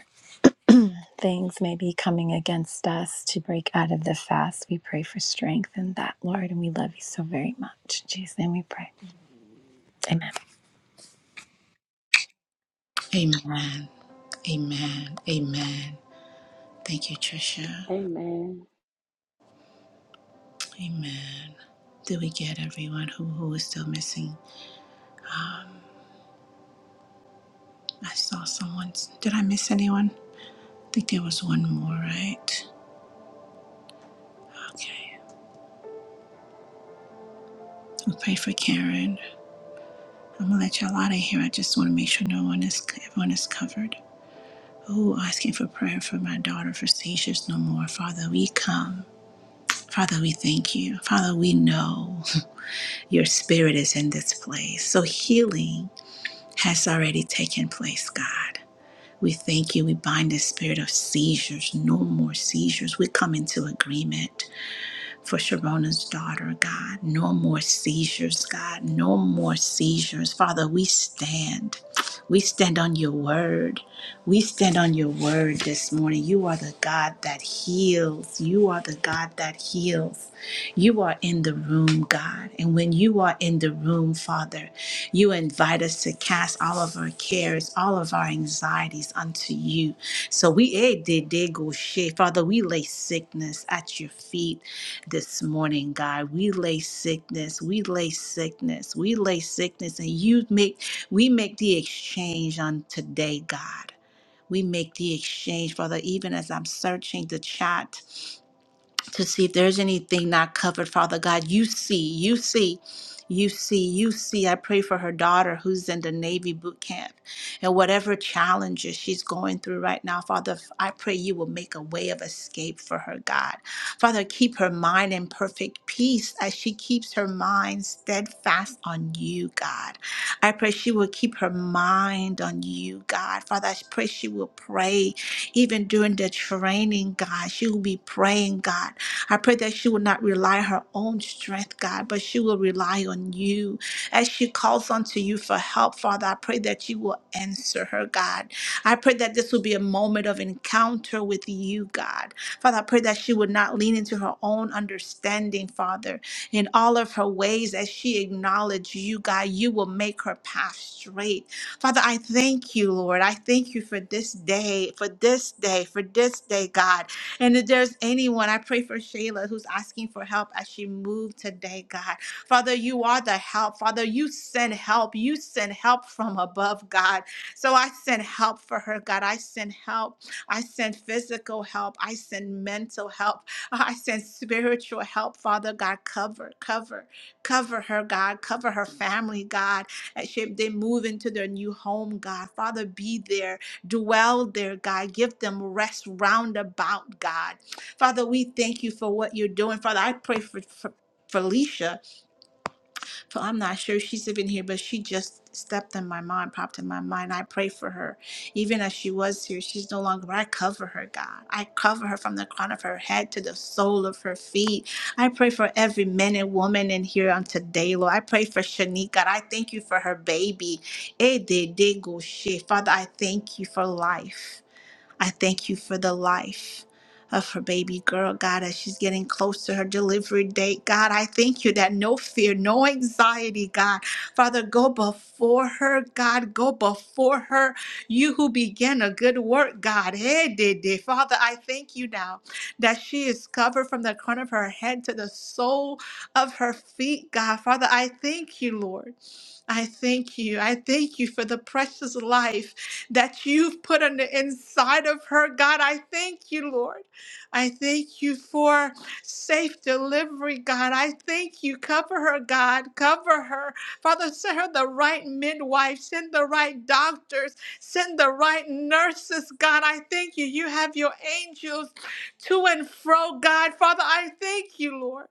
S7: things may be coming against us to break out of the fast. We pray for strength in that, Lord, and we love you so very much. In Jesus' name we pray. Amen.
S1: Amen. Amen. Amen. Thank you, Trisha.
S3: Amen.
S1: Amen. Do we get everyone who, who is still missing? I saw someone. Did I miss anyone? I think there was one more, right? Okay. We'll pray for Karen. I'm gonna let y'all out of here. I just want to make sure no one is everyone is covered. Oh, asking for prayer for my daughter for seizures no more. Father, we come. Father, we thank you. Father, we know your spirit is in this place. So healing has already taken place, God. We thank you. We bind the spirit of seizures, no more seizures. We come into agreement. for Sharona's daughter, God. No more seizures, God. No more seizures. Father, we stand. We stand on your word. We stand on your word this morning. You are the God that heals. You are the God that heals. You are in the room, God. And when you are in the room, Father, you invite us to cast all of our cares, all of our anxieties unto you. So we, eh, did, did go shit. Father, we lay sickness at your feet this morning, God. We lay sickness, we lay sickness, we lay sickness, and you make we make the exchange on today, God. We make the exchange, Father, even as I'm searching the chat to see if there's anything not covered, Father God. You see, you see, you see, you see. I pray for her daughter who's in the Navy boot camp and whatever challenges she's going through right now, Father, I pray you will make a way of escape for her, God. Father, keep her mind in perfect peace as she keeps her mind steadfast on you, God. I pray she will keep her mind on you, God. Father, I pray she will pray even during the training, God. She will be praying, God. I pray that she will not rely her own strength, God, but she will rely on you. As she calls unto you for help, Father, I pray that you will answer her, God. I pray that this will be a moment of encounter with you, God. Father, I pray that she would not lean into her own understanding, Father. In all of her ways, as she acknowledges you, God, you will make her path straight. Father, I thank you, Lord. I thank you for this day, for this day, for this day, God. And if there's anyone, I pray for Shayla who's asking for help as she moved today, God. Father, you are the help. Father, you send help. You send help from above, God. So I send help for her, God. I send help. I send physical help. I send mental help. I send spiritual help, Father God. Cover, cover, cover her, God. Cover her family, God. As she, they move into their new home, God. Father, be there. Dwell there, God. Give them rest round about, God. Father, we thank you for what you're doing. Father, I pray for, for Felicia. For I'm not sure she's even here, but she just stepped in my mind, popped in my mind. I pray for her. Even as she was here, she's no longer. I cover her, God. I cover her from the crown of her head to the sole of her feet. I pray for every man and woman in here on today, Lord. I pray for Shanique, God. I thank you for her baby. Eh, de- de- go she. Father, I thank you for life. I thank you for the life of her baby girl, God, as she's getting close to her delivery date. God, I thank you that no fear, no anxiety, God. Father, go before her, God, go before her. You who began a good work, God. Hey, did did. Father, I thank you now that she is covered from the crown of her head to the sole of her feet, God. Father, I thank you, Lord. I thank you. I thank you for the precious life that you've put on the inside of her. God, I thank you, Lord. I thank you for safe delivery, God. I thank you. Cover her, God. Cover her. Father, send her the right midwife. Send the right doctors. Send the right nurses, God. I thank you. You have your angels to and fro, God. Father, I thank you, Lord.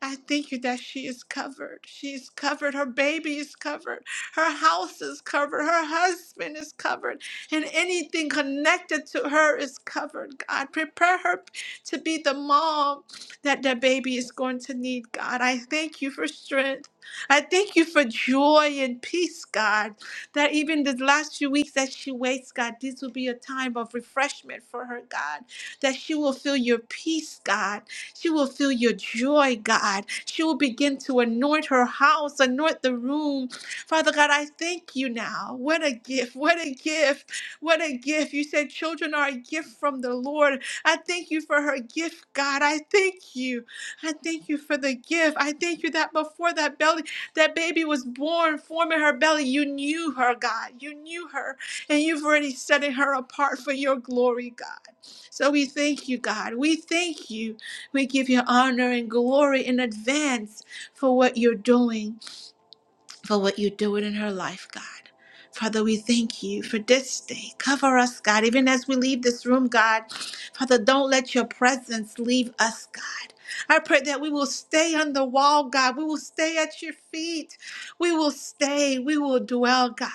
S1: I thank you that she is covered. She is covered. Her baby is covered. Her house is covered. Her husband is covered. And anything connected to her is covered, God. Prepare her to be the mom that the baby is going to need, God. I thank you for strength. I thank you for joy and peace, God. That even the last few weeks that she waits, God, this will be a time of refreshment for her, God. That she will feel your peace, God she will feel your joy, God. She will begin to anoint her house, anoint the room. Father God, I thank you now. What a gift. What a gift. What a gift. You said children are a gift from the Lord. I thank you for her gift, God. I thank you. I thank you for the gift. I thank you that before that belly, that baby was born, forming her belly, you knew her, God. You knew her. And you've already setting her apart for your glory, God. So we thank you, God. We thank you. We give you honor and glory in advance for what you're doing for what you're doing in her life, God. Father, we thank you for this day. Cover us, God, even as we leave this room, God. Father, don't let your presence leave us, God. I pray that we will stay on the wall, God. We will stay at your feet. We will stay. We will dwell, God.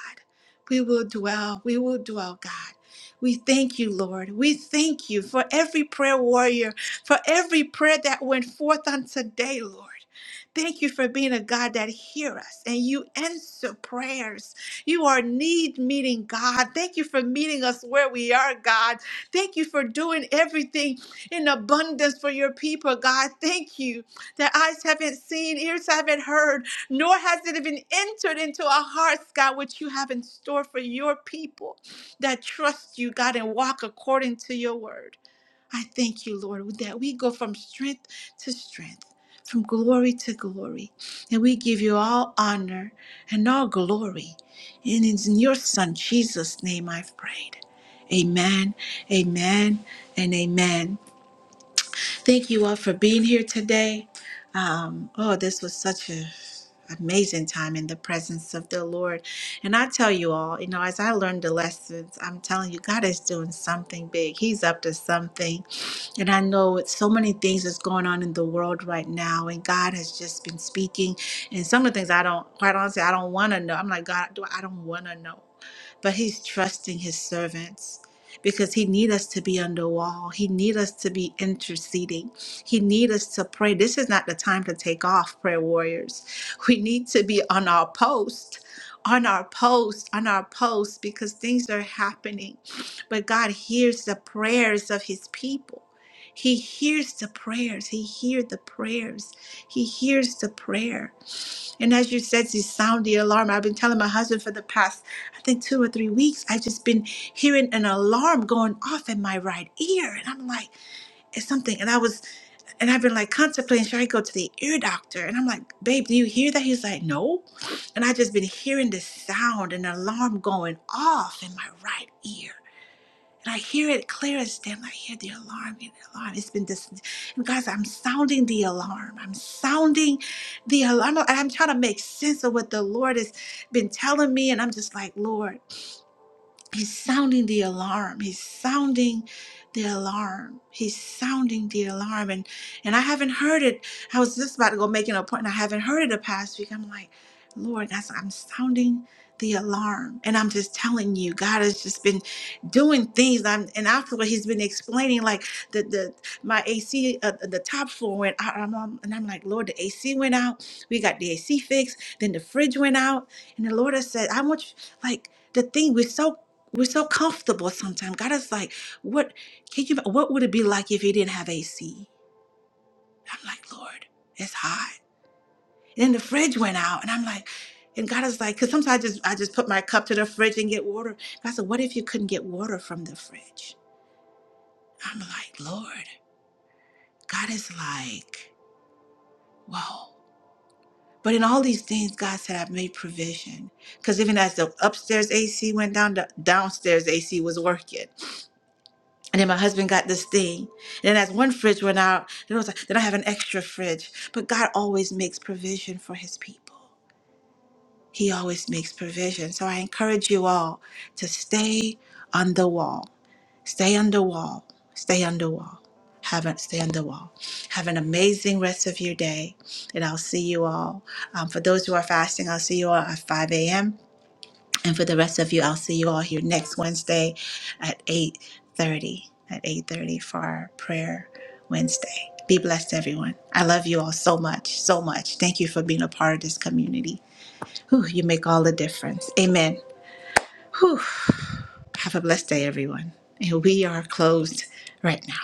S1: We will dwell. We will dwell, God. We thank you, Lord. We thank you for every prayer warrior, for every prayer that went forth on today, Lord. Thank you for being a God that hears us and you answer prayers. You are need meeting God. Thank you for meeting us where we are, God. Thank you for doing everything in abundance for your people, God. Thank you that eyes haven't seen, ears haven't heard, nor has it even entered into our hearts, God, what you have in store for your people that trust you, God, and walk according to your word. I thank you, Lord, that we go from strength to strength, from glory to glory. And we give you all honor and all glory. And it's in your Son, Jesus' name, I've prayed. Amen, amen, and amen. Thank you all for being here today. Um, oh, this was such a amazing time in the presence of the Lord. And I tell you all, you know, as I learned the lessons, I'm telling you, God is doing something big. He's up to something. And I know it's so many things that's going on in the world right now. And God has just been speaking. And some of the things I don't, quite honestly, I don't want to know. I'm like, God, do I don't want to know but he's trusting his servants because he need us to be on the wall he need us to be interceding he need us to pray this is not the time to take off prayer warriors we need to be on our post on our post on our post because things are happening but god hears the prayers of his people he hears the prayers he hears the prayers he hears the prayer and as you said, you sound the alarm. I've been telling my husband for the past, I think, two or three weeks, I've just been hearing an alarm going off in my right ear. And I'm like, it's something. And I was, and I've been like contemplating, should I go to the ear doctor? And I'm like, babe, do you hear that? He's like, no. And i just been hearing this sound, an alarm going off in my right ear. And I hear it clear as day. I hear the alarm, yeah, the alarm. It's been this, and guys, I'm sounding the alarm. I'm sounding the alarm. And I'm trying to make sense of what the Lord has been telling me. And I'm just like, Lord. He's sounding the alarm. He's sounding the alarm. He's sounding the alarm. And and I haven't heard it. I was just about to go make an appointment. I haven't heard it the past week. I'm like, Lord, that's I'm sounding the alarm. And I'm just telling you, God has just been doing things. I'm and after what he's been explaining, like the the my AC uh, the top floor went out. I'm, I'm- and I'm like, Lord, the AC went out. We got the AC fixed. Then the fridge went out. And the Lord has said, I want you like the thing. We're so we're so comfortable sometimes. God is like, what can you what would it be like if you didn't have AC? I'm like, Lord, it's hot. And then the fridge went out, and I'm like, and God is like, because sometimes I just I just put my cup to the fridge and get water. God said, What if you couldn't get water from the fridge? I'm like, Lord, God is like, whoa. But in all these things, God said, I've made provision. Because even as the upstairs AC went down, the downstairs AC was working. And then my husband got this thing. And then as one fridge went out, then I was like, then I have an extra fridge. But God always makes provision for his people. He always makes provision. So I encourage you all to stay on the wall. Stay on the wall. Stay on the wall. Have a, stay on the wall. Have an amazing rest of your day. And I'll see you all. Um, for those who are fasting, I'll see you all at 5 a.m. And for the rest of you, I'll see you all here next Wednesday at 8:30. At 8:30 for our prayer Wednesday. Be blessed, everyone. I love you all so much, so much. Thank you for being a part of this community. Whew, you make all the difference. Amen. Whew. Have a blessed day, everyone. And we are closed right now.